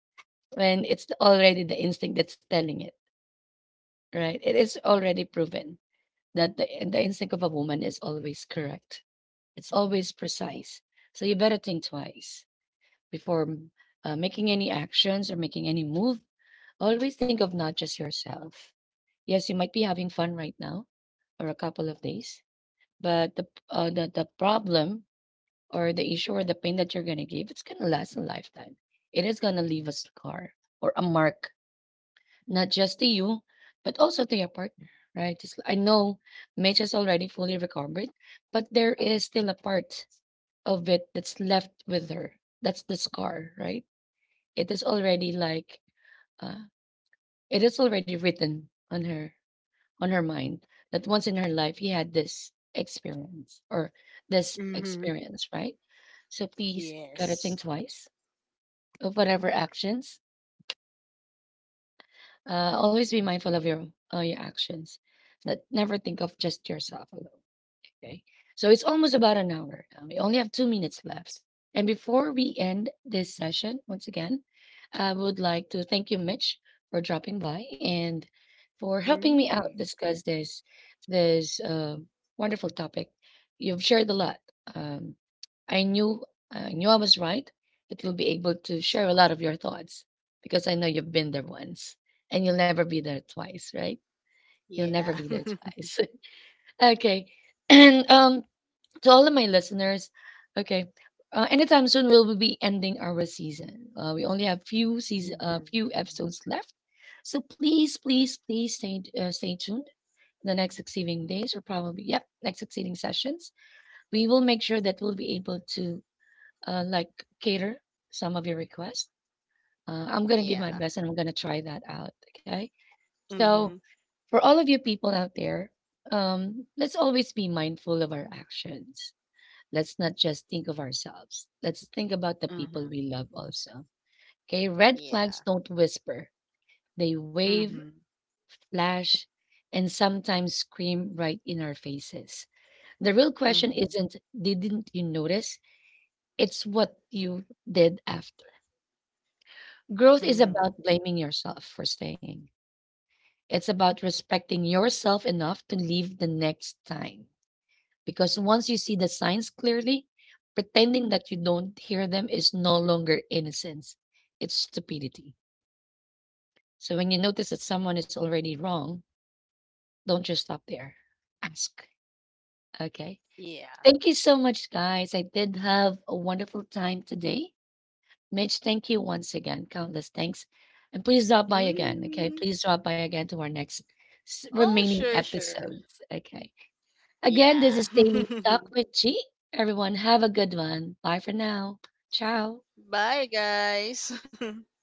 Speaker 1: when it's already the instinct that's telling it, right? It is already proven that the instinct of a woman is always correct. It's always precise. So you better think twice before making any actions or making any move. Always think of not just yourself. Yes, you might be having fun right now or a couple of days, but the problem or the issue or the pain that you're going to give, it's going to last a lifetime. It is going to leave a scar or a mark not just to you, but also to your partner, right? Just, I know Mitch is already fully recovered, but there is still a part of it that's left with her. That's the scar, right? It is already like, uh, it is already written on her mind that once in her life he had this experience or this
Speaker 2: <laughs> Mm-hmm.
Speaker 1: experience, right? So please gotta think
Speaker 2: Yes.
Speaker 1: twice of whatever actions. Always be mindful of your actions. That never think of just yourself alone. Okay. So it's almost about an hour. We only have 2 minutes left. And before we end this session, once again, I would like to thank you, Mitch, for dropping by and for helping me out
Speaker 2: Mm.
Speaker 1: discuss this wonderful topic. You've shared a lot. Um, I knew I knew I was right that you'll be able to share a lot of your thoughts because I know you've been there once and you'll never be there twice, right? You'll never
Speaker 2: Yeah.
Speaker 1: be there
Speaker 2: <laughs>
Speaker 1: twice. <laughs> Okay. <clears throat> And to all of my listeners, okay, anytime soon we'll be ending our season. We only have few season,
Speaker 2: Mm-hmm.
Speaker 1: few episodes left, so please, please, please stay stay tuned. The next succeeding days, or probably yep, next succeeding sessions, we will make sure that we'll be able to uh, like cater some of your requests. I'm gonna give my
Speaker 2: Yeah.
Speaker 1: best, and I'm gonna try that out. Okay, so
Speaker 2: Mm-hmm.
Speaker 1: for all of you people out there, let's always be mindful of our actions. Let's not just think of ourselves. Let's think about the people we
Speaker 2: Mm-hmm.
Speaker 1: love also. Okay, red flags
Speaker 2: Yeah.
Speaker 1: don't whisper. They wave,
Speaker 2: Mm-hmm.
Speaker 1: flash, and sometimes scream right in our faces. The real question
Speaker 2: Mm-hmm.
Speaker 1: isn't didn't you notice? It's what you did after. Growth is
Speaker 2: Mm-hmm.
Speaker 1: about blaming yourself for staying. It's about respecting yourself enough to leave the next time. Because once you see the signs clearly, pretending that you don't hear them is no longer innocence, it's stupidity. So when you notice that someone is already wrong, don't just stop there. Ask. Okay.
Speaker 2: Yeah.
Speaker 1: Thank you so much, guys. I did have a wonderful time today. Mitch, thank you once again. Countless thanks. And please drop by again. Okay.
Speaker 2: Mm.
Speaker 1: Please drop by again to our next
Speaker 2: Oh,
Speaker 1: remaining
Speaker 2: sure, sure.
Speaker 1: episodes. Okay. Again,
Speaker 2: Yeah.
Speaker 1: this is Daily Talk with G. Everyone, have a good one. Bye for now. Ciao.
Speaker 2: <laughs> Bye, guys. <laughs>